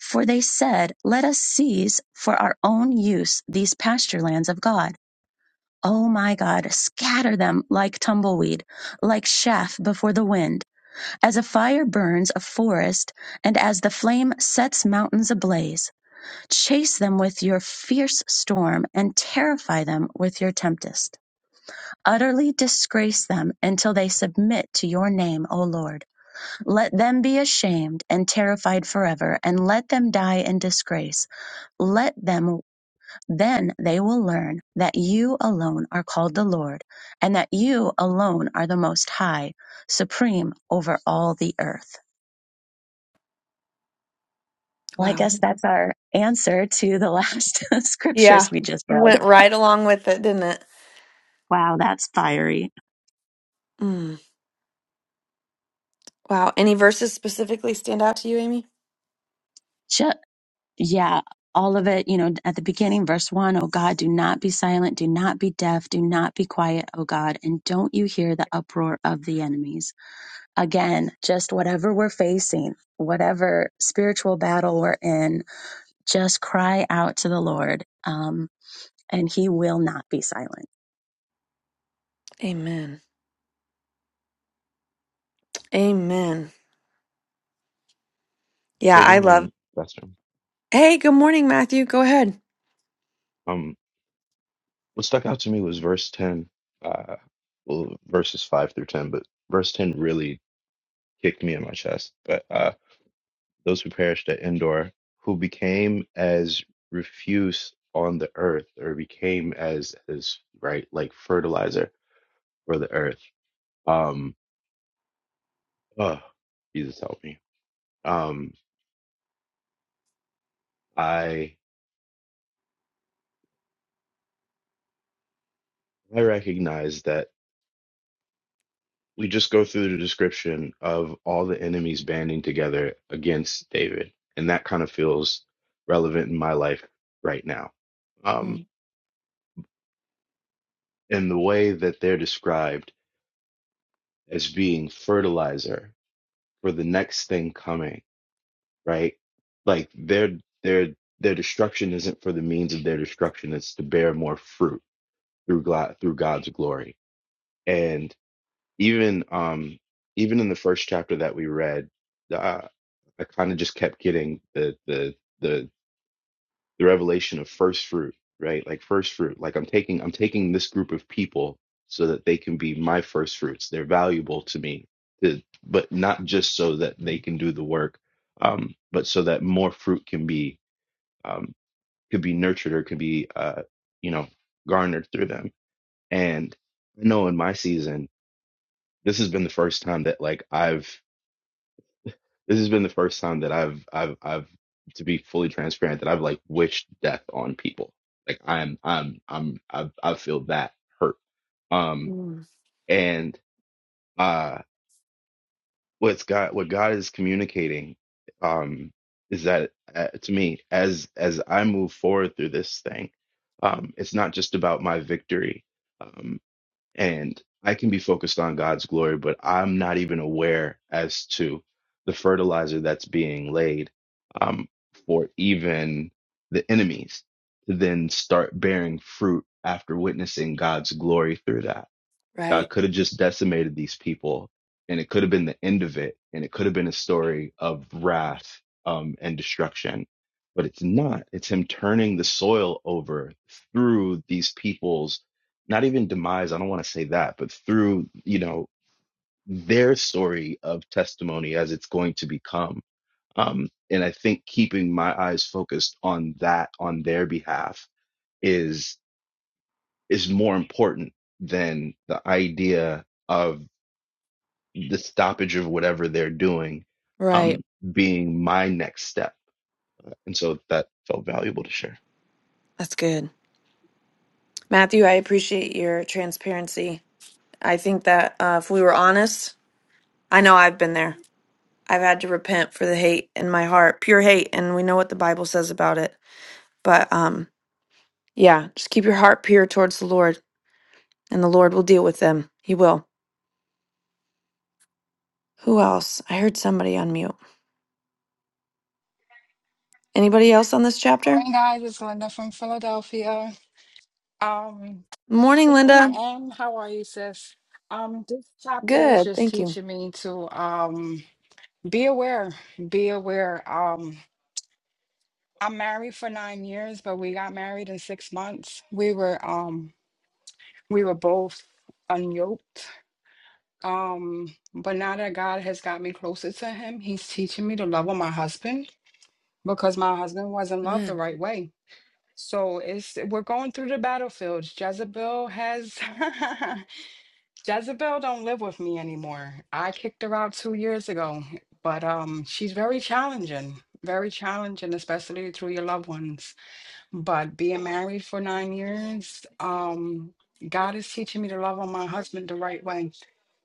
Speaker 6: for they said, Let us seize for our own use these pasture lands of God. O my God, scatter them like tumbleweed, like chaff before the wind, as a fire burns a forest, and as the flame sets mountains ablaze. Chase them with your fierce storm, and terrify them with your tempest. Utterly disgrace them until they submit to your name, O Lord. Let them be ashamed and terrified forever, and let them die in disgrace. Let them, then they will learn that you alone are called the Lord, and that you alone are the most high, supreme over all the earth. Well, I
Speaker 1: Wow.
Speaker 6: guess that's our answer to the last (laughs) scriptures
Speaker 1: Yeah.
Speaker 6: we just read.
Speaker 1: Went right along with it, didn't it?
Speaker 6: Wow, that's fiery.
Speaker 1: Mm. Wow. Any verses specifically stand out to you, Amy?
Speaker 6: Ju- yeah, all of it, you know, at the beginning, verse one, oh God, do not be silent, do not be deaf, do not be quiet, oh God, and don't you hear the uproar of the enemies. Again, just whatever we're facing, whatever spiritual battle we're in, just cry out to the Lord, um, and He will not be silent.
Speaker 1: Amen. Amen. Yeah,
Speaker 7: Hey, good
Speaker 1: I love.
Speaker 7: morning, Pastor.
Speaker 1: Hey, good morning, Matthew. Go ahead.
Speaker 7: Um, what stuck out to me was verse 10, uh, well, verses 5 through 10, but verse 10 really kicked me in my chest. But uh, those who perished at Endor, who became as refuse on the earth, or became as, as right, like fertilizer for the earth. Um, oh, Jesus help me. Um, I I recognize that. we just go through the description of all the enemies banding together against David, and that kind of feels relevant in my life right now. Um,
Speaker 1: Mm.
Speaker 7: and the way that they're described as being fertilizer for the next thing coming, right? Like their their their destruction isn't for the means of their destruction; it's to bear more fruit through God through God's glory. and. even um even in the first chapter that we read uh, i kind of just kept getting the the the the revelation of first fruit right like first fruit like i'm taking i'm taking this group of people so that they can be my first fruits they're valuable to me to, but not just so that they can do the work um but so that more fruit can be um could be nurtured or could be uh you know garnered through them and i know in my season this has been the first time that like i've This has been the first time that I've I've I've to be fully transparent that I've like wished death on people. Like I'm I'm I'm I have I feel that hurt. Um
Speaker 1: Mm.
Speaker 7: and uh what's God what God is communicating um is that uh, to me as as I move forward through this thing um it's not just about my victory. Um and I can be focused on God's glory, but I'm not even aware as to the fertilizer that's being laid um, for even the enemies to then start bearing fruit after witnessing God's glory through that. God
Speaker 1: Right.
Speaker 7: could have just decimated these people, and it could have been the end of it, and it could have been a story of wrath um, and destruction. But it's not. It's Him turning the soil over through these people's, not even demise. I don't want to say that, but through you know their story of testimony as it's going to become. Um, and I think keeping my eyes focused on that on their behalf is is more important than the idea of the stoppage of whatever they're doing
Speaker 1: Right.
Speaker 7: um, being my next step. And so that felt valuable to share.
Speaker 1: That's good. Matthew, I appreciate your transparency. I think that uh, if we were honest, I know I've been there. I've had to repent for the hate in my heart, pure hate, and we know what the Bible says about it. But um, yeah, just keep your heart pure towards the Lord, and the Lord will deal with them. He will. Who else? I heard somebody on mute. Anybody else on this chapter?
Speaker 8: Morning, guys. It's Linda from Philadelphia. Um,
Speaker 1: Morning,
Speaker 8: good morning,
Speaker 1: Linda.
Speaker 8: Anne. How are you, sis? Um, this chapter is
Speaker 1: Good.
Speaker 8: just
Speaker 1: Thank you.
Speaker 8: teaching me to um be aware, be aware. Um, I'm married for nine years, but we got married in six months. We were um we were both unyoked. Um, but now that God has got me closer to him, he's teaching me to love on my husband because my husband wasn't loved the
Speaker 1: Amen.
Speaker 8: right way So it's we're going through the battlefields. Jezebel has (laughs) Jezebel don't live with me anymore. I kicked her out two years ago, but um she's very challenging, very challenging, especially through your loved ones. But being married for nine years, um, God is teaching me to love on my husband the right way.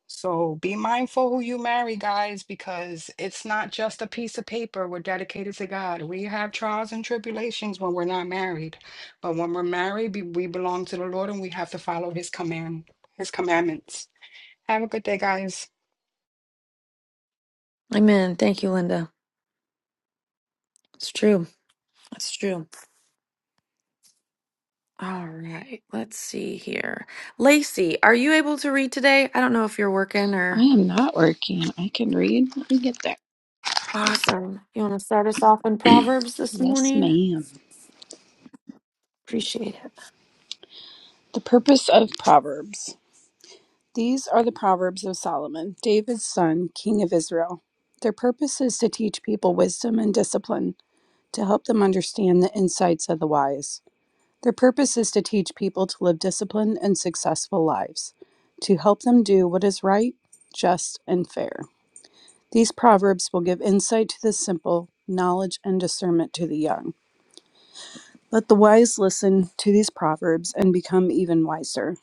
Speaker 8: So be mindful who you marry, guys, because it's not just a piece of paper. We're dedicated to God. We have trials and tribulations when we're not married. But when we're married, be- we belong to the Lord and we have to follow his command, his commandments. Have a good day, guys.
Speaker 1: Amen. Thank you, Linda. It's true. It's true. All right. Let's see here. Lacey, are you able to read today? I don't know if you're working
Speaker 9: I
Speaker 1: or.
Speaker 9: am not working. I can read. Let me get there.
Speaker 1: Awesome. You want to start us off in Proverbs this
Speaker 9: Yes,
Speaker 1: morning?
Speaker 9: ma'am.
Speaker 1: Appreciate it.
Speaker 9: The purpose of Proverbs. These are the Proverbs of Solomon, David's son, king of Israel. Their purpose is to teach people wisdom and discipline, to help them understand the insights of the wise. Their purpose is to teach people to live disciplined and successful lives, to help them do what is right, just, and fair. These proverbs will give insight to the simple, knowledge and discernment to the young. Let the wise listen to these proverbs and become even wiser.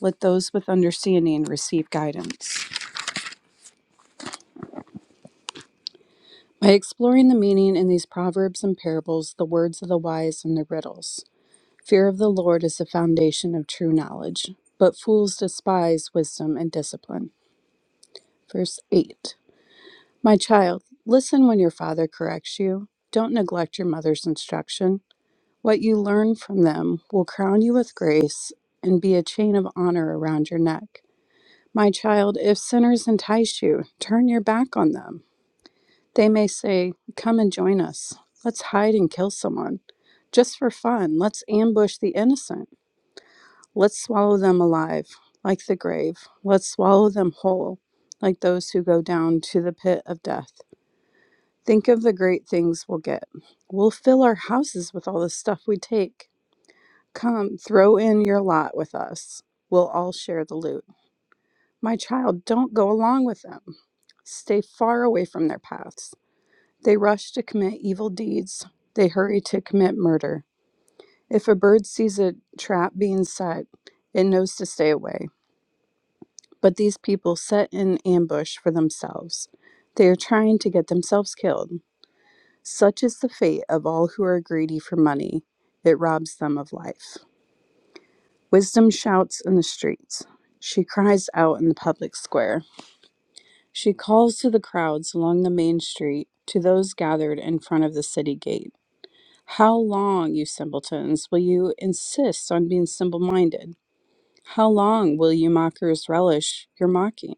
Speaker 9: Let those with understanding receive guidance. By exploring the meaning in these proverbs and parables, the words of the wise and the riddles, fear of the Lord is the foundation of true knowledge, but fools despise wisdom and discipline. Verse 8 My child, listen when your father corrects you. Don't neglect your mother's instruction. What you learn from them will crown you with grace and be a chain of honor around your neck. My child, if sinners entice you, turn your back on them. They may say, Come and join us. Let's hide and kill someone. Just for fun, let's ambush the innocent. Let's swallow them alive, like the grave. Let's swallow them whole, like those who go down to the pit of death. Think of the great things we'll get. We'll fill our houses with all the stuff we take. Come, throw in your lot with us. We'll all share the loot. My child, don't go along with them. Stay far away from their paths. They rush to commit evil deeds. They hurry to commit murder. If a bird sees a trap being set, it knows to stay away. But these people set an ambush for themselves. They are trying to get themselves killed. Such is the fate of all who are greedy for money. It robs them of life. Wisdom shouts in the streets. She cries out in the public square. She calls to the crowds along the main street, to those gathered in front of the city gate. How long, you simpletons, will you insist on being simple minded? How long will you mockers relish your mocking?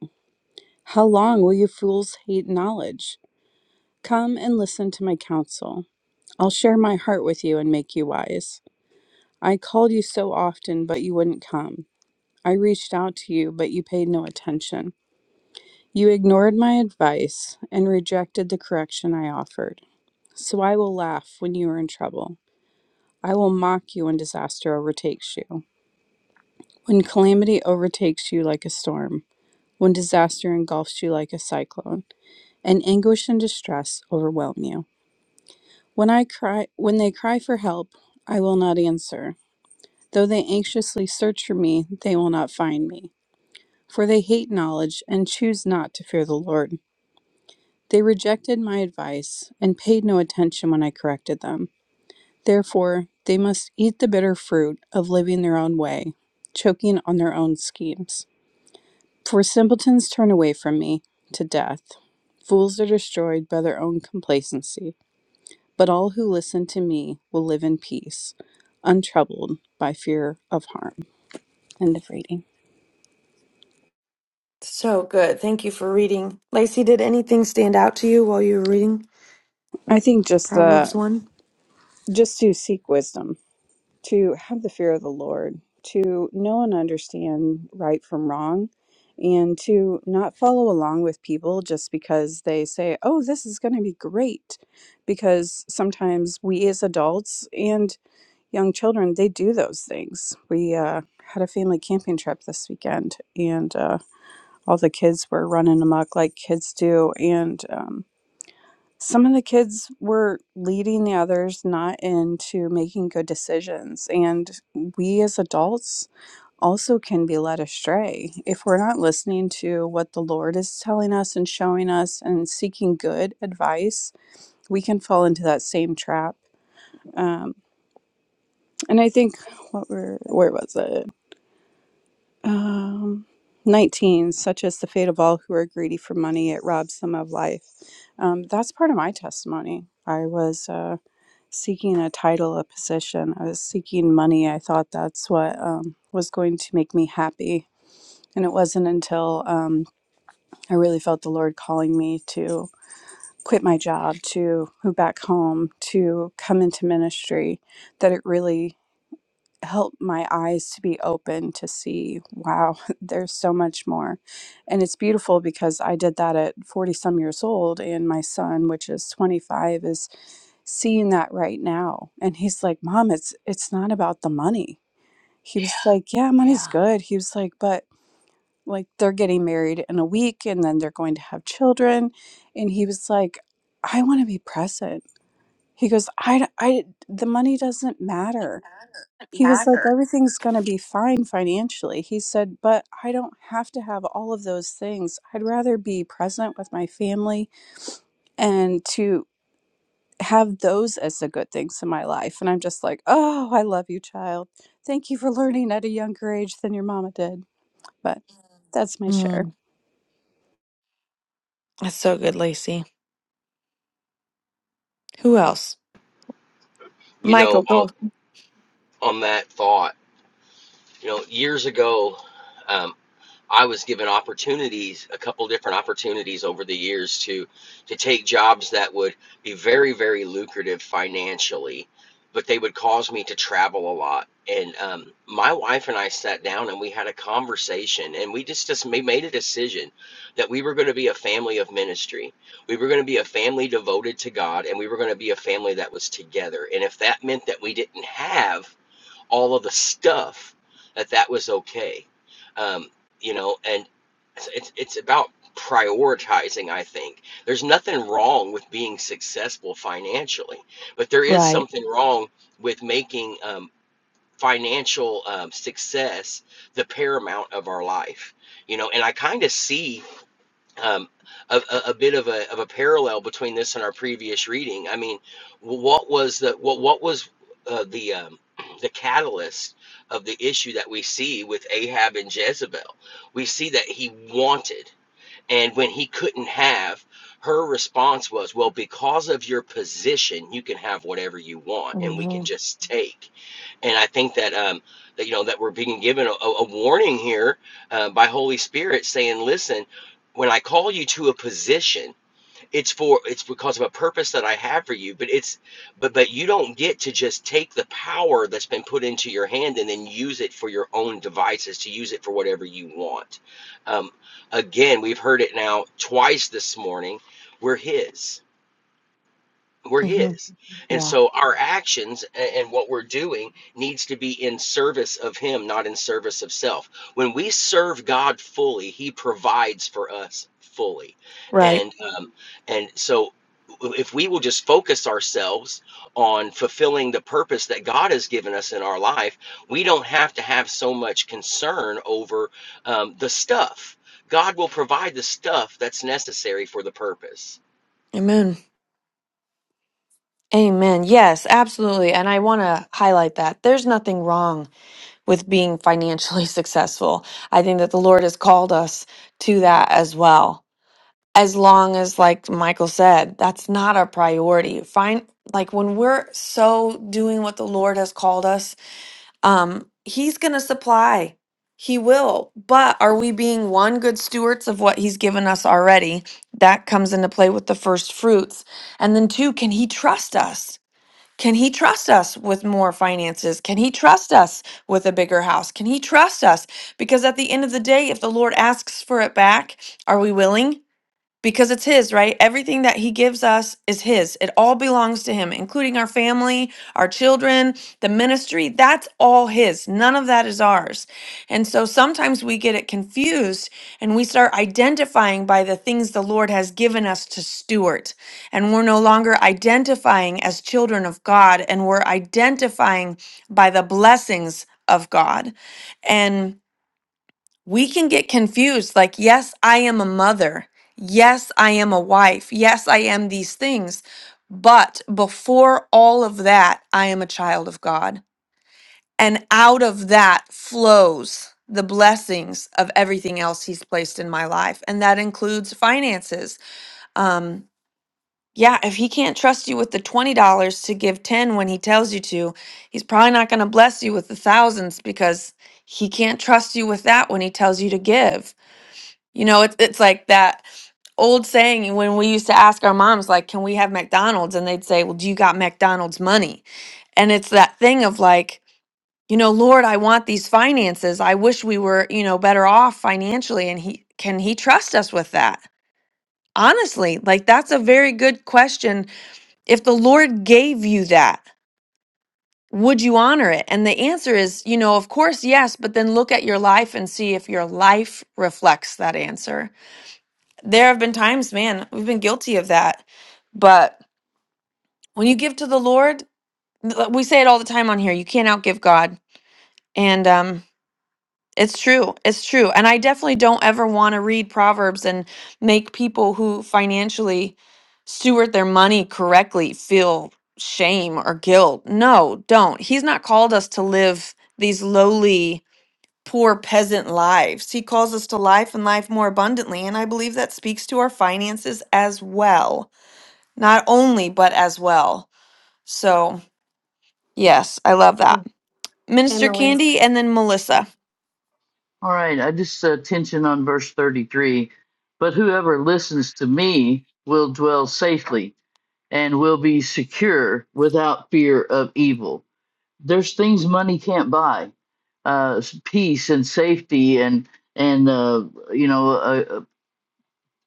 Speaker 9: How long will you fools hate knowledge? Come and listen to my counsel. I'll share my heart with you and make you wise. I called you so often, but you wouldn't come. I reached out to you, but you paid no attention. You ignored my advice and rejected the correction I offered. So I will laugh when you are in trouble. I will mock you when disaster overtakes you. When calamity overtakes you like a storm, when disaster engulfs you like a cyclone, and anguish and distress overwhelm you. When I cry when they cry for help, I will not answer. Though they anxiously search for me, they will not find me. For they hate knowledge and choose not to fear the Lord. They rejected my advice and paid no attention when I corrected them. Therefore, they must eat the bitter fruit of living their own way, choking on their own schemes. For simpletons turn away from me to death. Fools are destroyed by their own complacency. But all who listen to me will live in peace, untroubled by fear of harm. End of reading.
Speaker 1: So good. Thank you for reading. Lacey, did anything stand out to you while you were reading
Speaker 9: I think just the
Speaker 1: Proverbs 1?
Speaker 9: just to seek wisdom to have the fear of the Lord, to know and understand right from wrong, and to not follow along with people just because they say, oh, this is going to be great. Because sometimes we as adults and young children, they do those things. We uh, had a family camping trip this weekend, and uh, all the kids were running amok like kids do. And um, some of the kids were leading the others not into making good decisions. And we as adults also can be led astray if we're not listening to what the Lord is telling us and showing us and seeking good advice. We can fall into that same trap. Um, and I think what were where was it? Um, 19, such as the fate of all who are greedy for money, it robs them of life. Um, that's part of my testimony. I was. Uh, seeking a title, a position. I was seeking money. I thought that's what um, was going to make me happy. And it wasn't until um, I really felt the Lord calling me to quit my job, to move back home, to come into ministry, that it really helped my eyes to be open to see wow (laughs) there's so much more and it's beautiful because i did that at 40 some years old and my son which is 25 is seeing that right now and he's like mom it's it's not about the money he was Yeah. like yeah money's
Speaker 1: Yeah.
Speaker 9: good he was like but like they're getting married in a week and then they're going to have children and he was like i want to be present he goes i i the money doesn't matter he was like,
Speaker 1: Matter.
Speaker 9: everything's going to be fine financially. He said, but I don't have to have all of those things. I'd rather be present with my family and to have those as the good things in my life. And I'm just like, oh, I love you, child. Thank you for learning at a younger age than your mama did. But that's my share.
Speaker 1: Mm, that's so good, Lacey. Who else?
Speaker 2: you know,
Speaker 1: Michael,
Speaker 2: on,
Speaker 1: go.
Speaker 2: on that thought. You know, years ago, um, I was given opportunities, a couple different opportunities over the years to to take jobs that would be very, very lucrative financially, but they would cause me to travel a lot. And um, my wife and I sat down and we had a conversation, and we just just ma- made a decision that we were going to be a family of ministry. We were going to be a family devoted to God, and we were going to be a family that was together. And if that meant that we didn't have all of the stuff that that was okay um, you know and it's, it's about prioritizing i think there's nothing wrong with being successful financially but there is
Speaker 1: Right.
Speaker 2: something wrong with making um, financial um, success the paramount of our life you know and i kind of see um, a, a, bit of a, of a parallel between this and our previous reading. I mean, what was the what what was uh, the um, (clears throat) the catalyst of the issue that we see with Ahab and Jezebel? We see that he wanted. And when he couldn't have, her response was, Well, because of your position, you can have whatever you want and we can
Speaker 1: hmm
Speaker 2: just take. And I think that, um, that you know, that we're being given a, a warning here uh, by Holy Spirit saying, Listen, when I call you to a position, it's for it's because of a purpose that I have for you, but it's but but you don't get to just take the power that's been put into your hand and then use it for your own devices to use it for whatever you want. Um, again, we've heard it now twice this morning. We're his. We're
Speaker 1: hmm
Speaker 2: His. And
Speaker 1: Yeah.
Speaker 2: so our actions and what we're doing needs to be in service of Him, not in service of self. When we serve God fully, He provides for us fully.
Speaker 1: Right.
Speaker 2: And um, and so if we will just focus ourselves on fulfilling the purpose that God has given us in our life, we don't have to have so much concern over um, the stuff. God will provide the stuff that's necessary for the purpose
Speaker 1: Amen. Amen. Yes, absolutely. And I want to highlight that there's nothing wrong with being financially (laughs) successful. I think that the Lord has called us to that as well. as long as like michael said that's not our priority find like when we're so doing what the lord has called us um he's gonna supply he will but are we being one good stewards of what he's given us already that comes into play with the first fruits and then two can he trust us can he trust us with more finances? Can he trust us with a bigger house? Can he trust us? Because at the end of the day, if the Lord asks for it back, are we willing? because it's his, right? Everything that he gives us is his. It all belongs to him, including our family, our children, the ministry. That's all his. None of that is ours. And so sometimes we get it confused and we start identifying by the things the Lord has given us to steward. And we're no longer identifying as children of God and we're identifying by the blessings of God. and we can get confused like, yes, I am a mother. Yes, I am a wife. Yes, I am these things. But before all of that, I am a child of God. And out of that flows the blessings of everything else He's placed in my life. And that includes finances. Um, yeah, if He can't trust you with the $20 to give 10 when He tells you to, He's probably not going to bless you with the thousands because He can't trust you with that when He tells you to give you know, it's it's like that old saying when we used to ask our moms, like, "Can we have McDonald's?" and they'd say, "Well, do you got McDonald's money?" And it's that thing of like, you know, Lord, I want these finances. I wish we were, you know, better off financially. And he can he trust us with that? Honestly, like that's a very good question. If the Lord gave you that, would you honor it? And the answer is, you know, of course, yes, but then look at your life and see if your life reflects that answer There have been times, man, we've been guilty of that. But when you give to the Lord, th- like, we say it all the time on here, you can't outgive God. And um it's true. It's true. And I definitely don't ever want to read proverbs and make people who financially steward their money correctly feel shame or guilt. No, don't. He's not called us to live these lowly poor peasant lives. He calls us to life and life more abundantly, and I believe that speaks to our finances as well Not only, but as well. So, yes, I love that.
Speaker 5: Em-
Speaker 1: Minister
Speaker 5: Emily,
Speaker 1: Candy and then Melissa.
Speaker 10: All right, I just uh, tension on verse 33. But whoever listens to me will dwell safely and will be secure without fear of evil. There's things money can't buy, uh, s- peace and safety and and uh, you know a,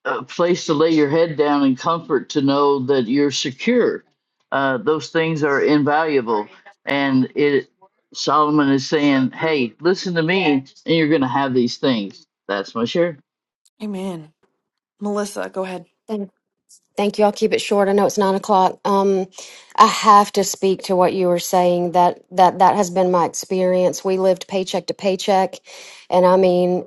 Speaker 10: a place to lay your head down in comfort to know that you're secure. Uh, those things are invaluable. And it Solomon is saying, Hey, listen to me, and you're going to have these things. That's my share.
Speaker 1: Amen. Melissa, go ahead.
Speaker 5: Thank you. I'll keep it short. I know it's nine o'clock. Um, I have to speak to what you were saying. That that that has been my experience. We lived paycheck to paycheck, and I mean,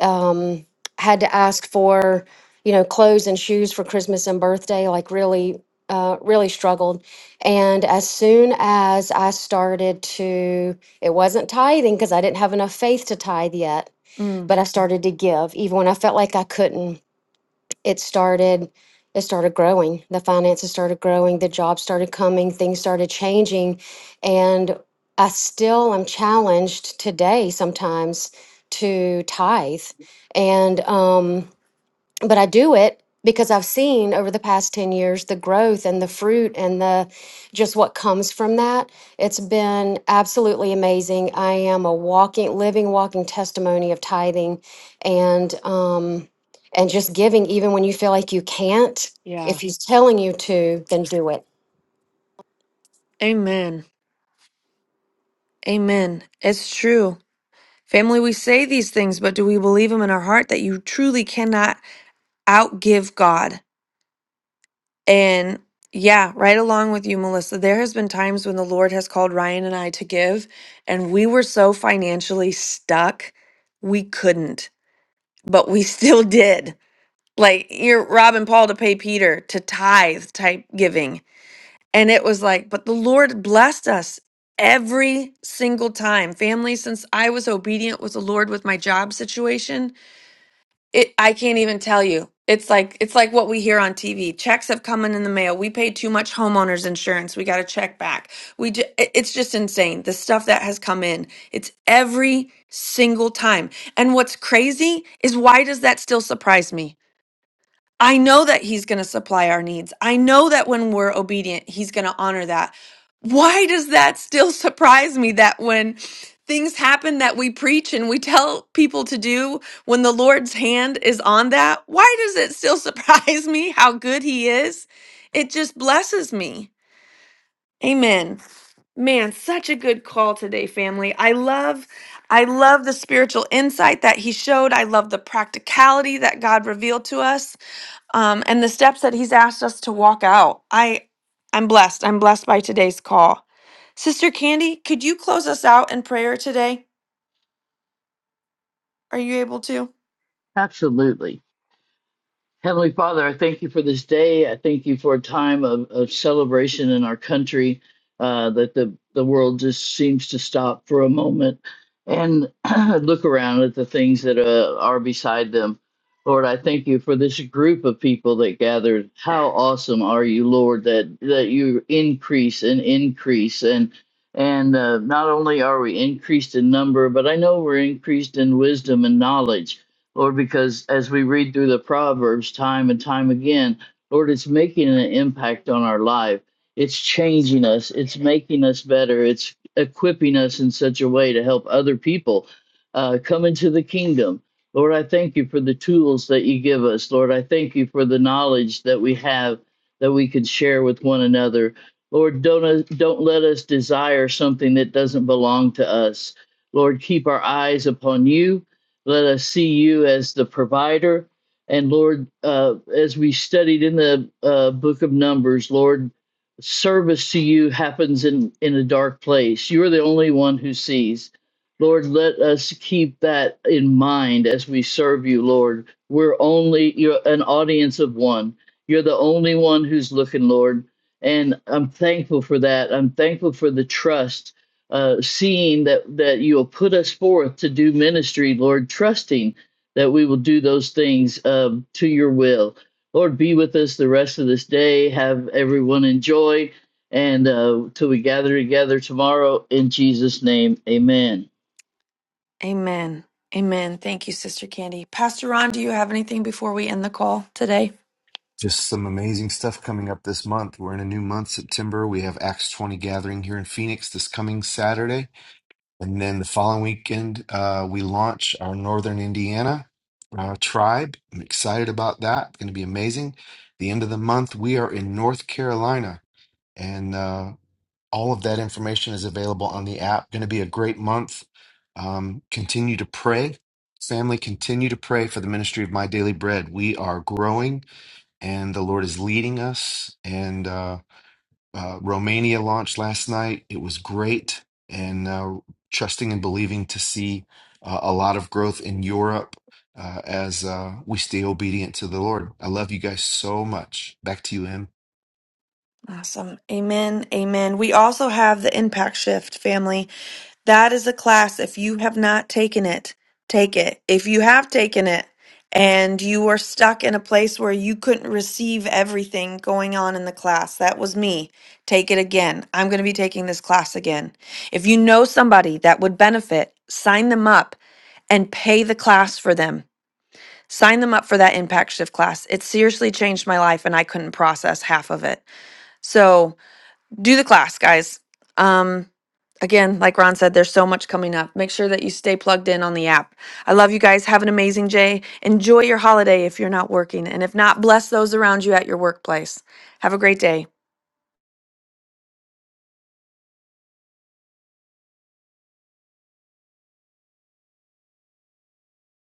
Speaker 5: um, had to ask for you know clothes and shoes for Christmas and birthday. Like really, uh, really struggled. And as soon as I started to, it wasn't tithing because I didn't have enough faith to tithe yet.
Speaker 1: Mm,
Speaker 5: But I started to give, even when I felt like I couldn't it started it started growing the finances started growing the jobs started coming things started changing and i still am challenged today sometimes to tithe and um but I do it because I've seen over the past 10 years the growth and the fruit and the just what comes from that. It's been absolutely amazing. I am a walking, living, walking testimony of tithing and um and just giving even when you feel like you can't.
Speaker 1: yeah.
Speaker 5: If he's telling you to, then do it.
Speaker 1: Amen. Amen. It's true. Family, we say these things, but do we believe them in our heart that you truly cannot outgive God? And yeah, right along with you, Melissa. There has been times when the Lord has called Ryan and I to give, and we were so financially stuck, we couldn't, but we (laughs) still did like you're robbing Paul to pay Peter to tithe type giving. And it was like, but the Lord blessed us every single time. Family, since I was obedient with the Lord with my job situation, it I can't even tell you. It's like it's like what we hear on TV. Checks have come in in the mail. We paid too much homeowners insurance. We got to check back. We ju- it- it's just insane. The stuff that has come in. It's every single time. And what's crazy is why does that still surprise me? I know that he's going to supply our needs. I know that when we're obedient, he's going to honor that. Why does that still surprise me that when things happen that we preach and we tell people to do, when the Lord's hand is on that, why does it still (laughs) surprise me how good he is? It just blesses me. Amen. Man, such a good call today, family. I love I love the spiritual insight that he showed. I love the practicality that God revealed to us um, and the steps that he's asked us to walk out. I, I'm blessed. I'm blessed by today's call. Sister Candy, could you close us out in prayer today? Are you able to?
Speaker 10: Absolutely. Heavenly Father, I thank you for this day. I thank you for a time of, of celebration in our country uh, that the, the world just seems to stop for a moment and (clears throat) look around at the things that uh, are beside them. Lord, I thank you for this group of people that gathered. How awesome are you, Lord, that, that you increase and increase. And, and uh, not only are we increased in number, but I know we're increased in wisdom and knowledge Lord, because as we read through the Proverbs time and time again, Lord, it's making an impact on our life. It's changing us, it's making us better, it's equipping us in such a way to help other people uh, come into the kingdom. Lord, I thank you for the tools that you give us. Lord, I thank you for the knowledge that we have that we can share with one another. Lord, don't, uh, don't let us desire something that doesn't belong to us. Lord, keep our eyes upon you let us see you as the provider. And Lord, uh, as we studied in the uh, book of Numbers, Lord, service to you happens in, in a dark place. You're the only one who sees. Lord, let us keep that in mind as we serve you, Lord. We're only you're an audience of one. You're the only one who's looking, Lord. And I'm thankful for that. I'm thankful for the trust uh, seeing that that you will put us forth to do ministry, Lord, trusting that we will do those things um, to your will. Lord, be with us the rest of this day. Have everyone enjoy, and uh, till we gather together tomorrow in Jesus' name, Amen.
Speaker 1: Amen. Amen. Thank you, Sister Candy. Pastor Ron, do you have anything before we end the call today?
Speaker 4: Just some amazing stuff coming up this month. We're in a new month, September. We have Acts 20 gathering here in Phoenix this coming Saturday. And then the following weekend, uh, we launch our Northern Indiana uh, tribe. I'm excited about that. It's going to be amazing. The end of the month, we are in North Carolina, and uh, all of that information is available on the app. Going to be a great month. Um, continue to pray. Family, continue to pray for the ministry of My Daily Bread. We are growing, and the Lord is leading us. And uh, uh, Romania launched last night. It was great, and uh, trusting and believing to see uh, a lot of growth in Europe uh, as uh, we stay obedient to the Lord. I love you guys so much. Back to you, M.
Speaker 1: Awesome. Amen. Amen. We also have the Impact Shift family. That is a class. If you have not taken it, take it. If you have taken it and you are stuck in a place where you couldn't receive everything going on in the class, that was me. Take it again. I'm going to be taking this class again. If you know somebody that would benefit, sign them up and pay the class for them Sign them up for that impact shift class. It seriously changed my life and I couldn't process half of it. So do the class, guys. Um, again, like Ron said, there's so much coming up. Make sure that you stay plugged in on the app. I love you guys. Have an amazing day. Enjoy your holiday if you're not working. And if not, bless those around you at your workplace. Have a great day.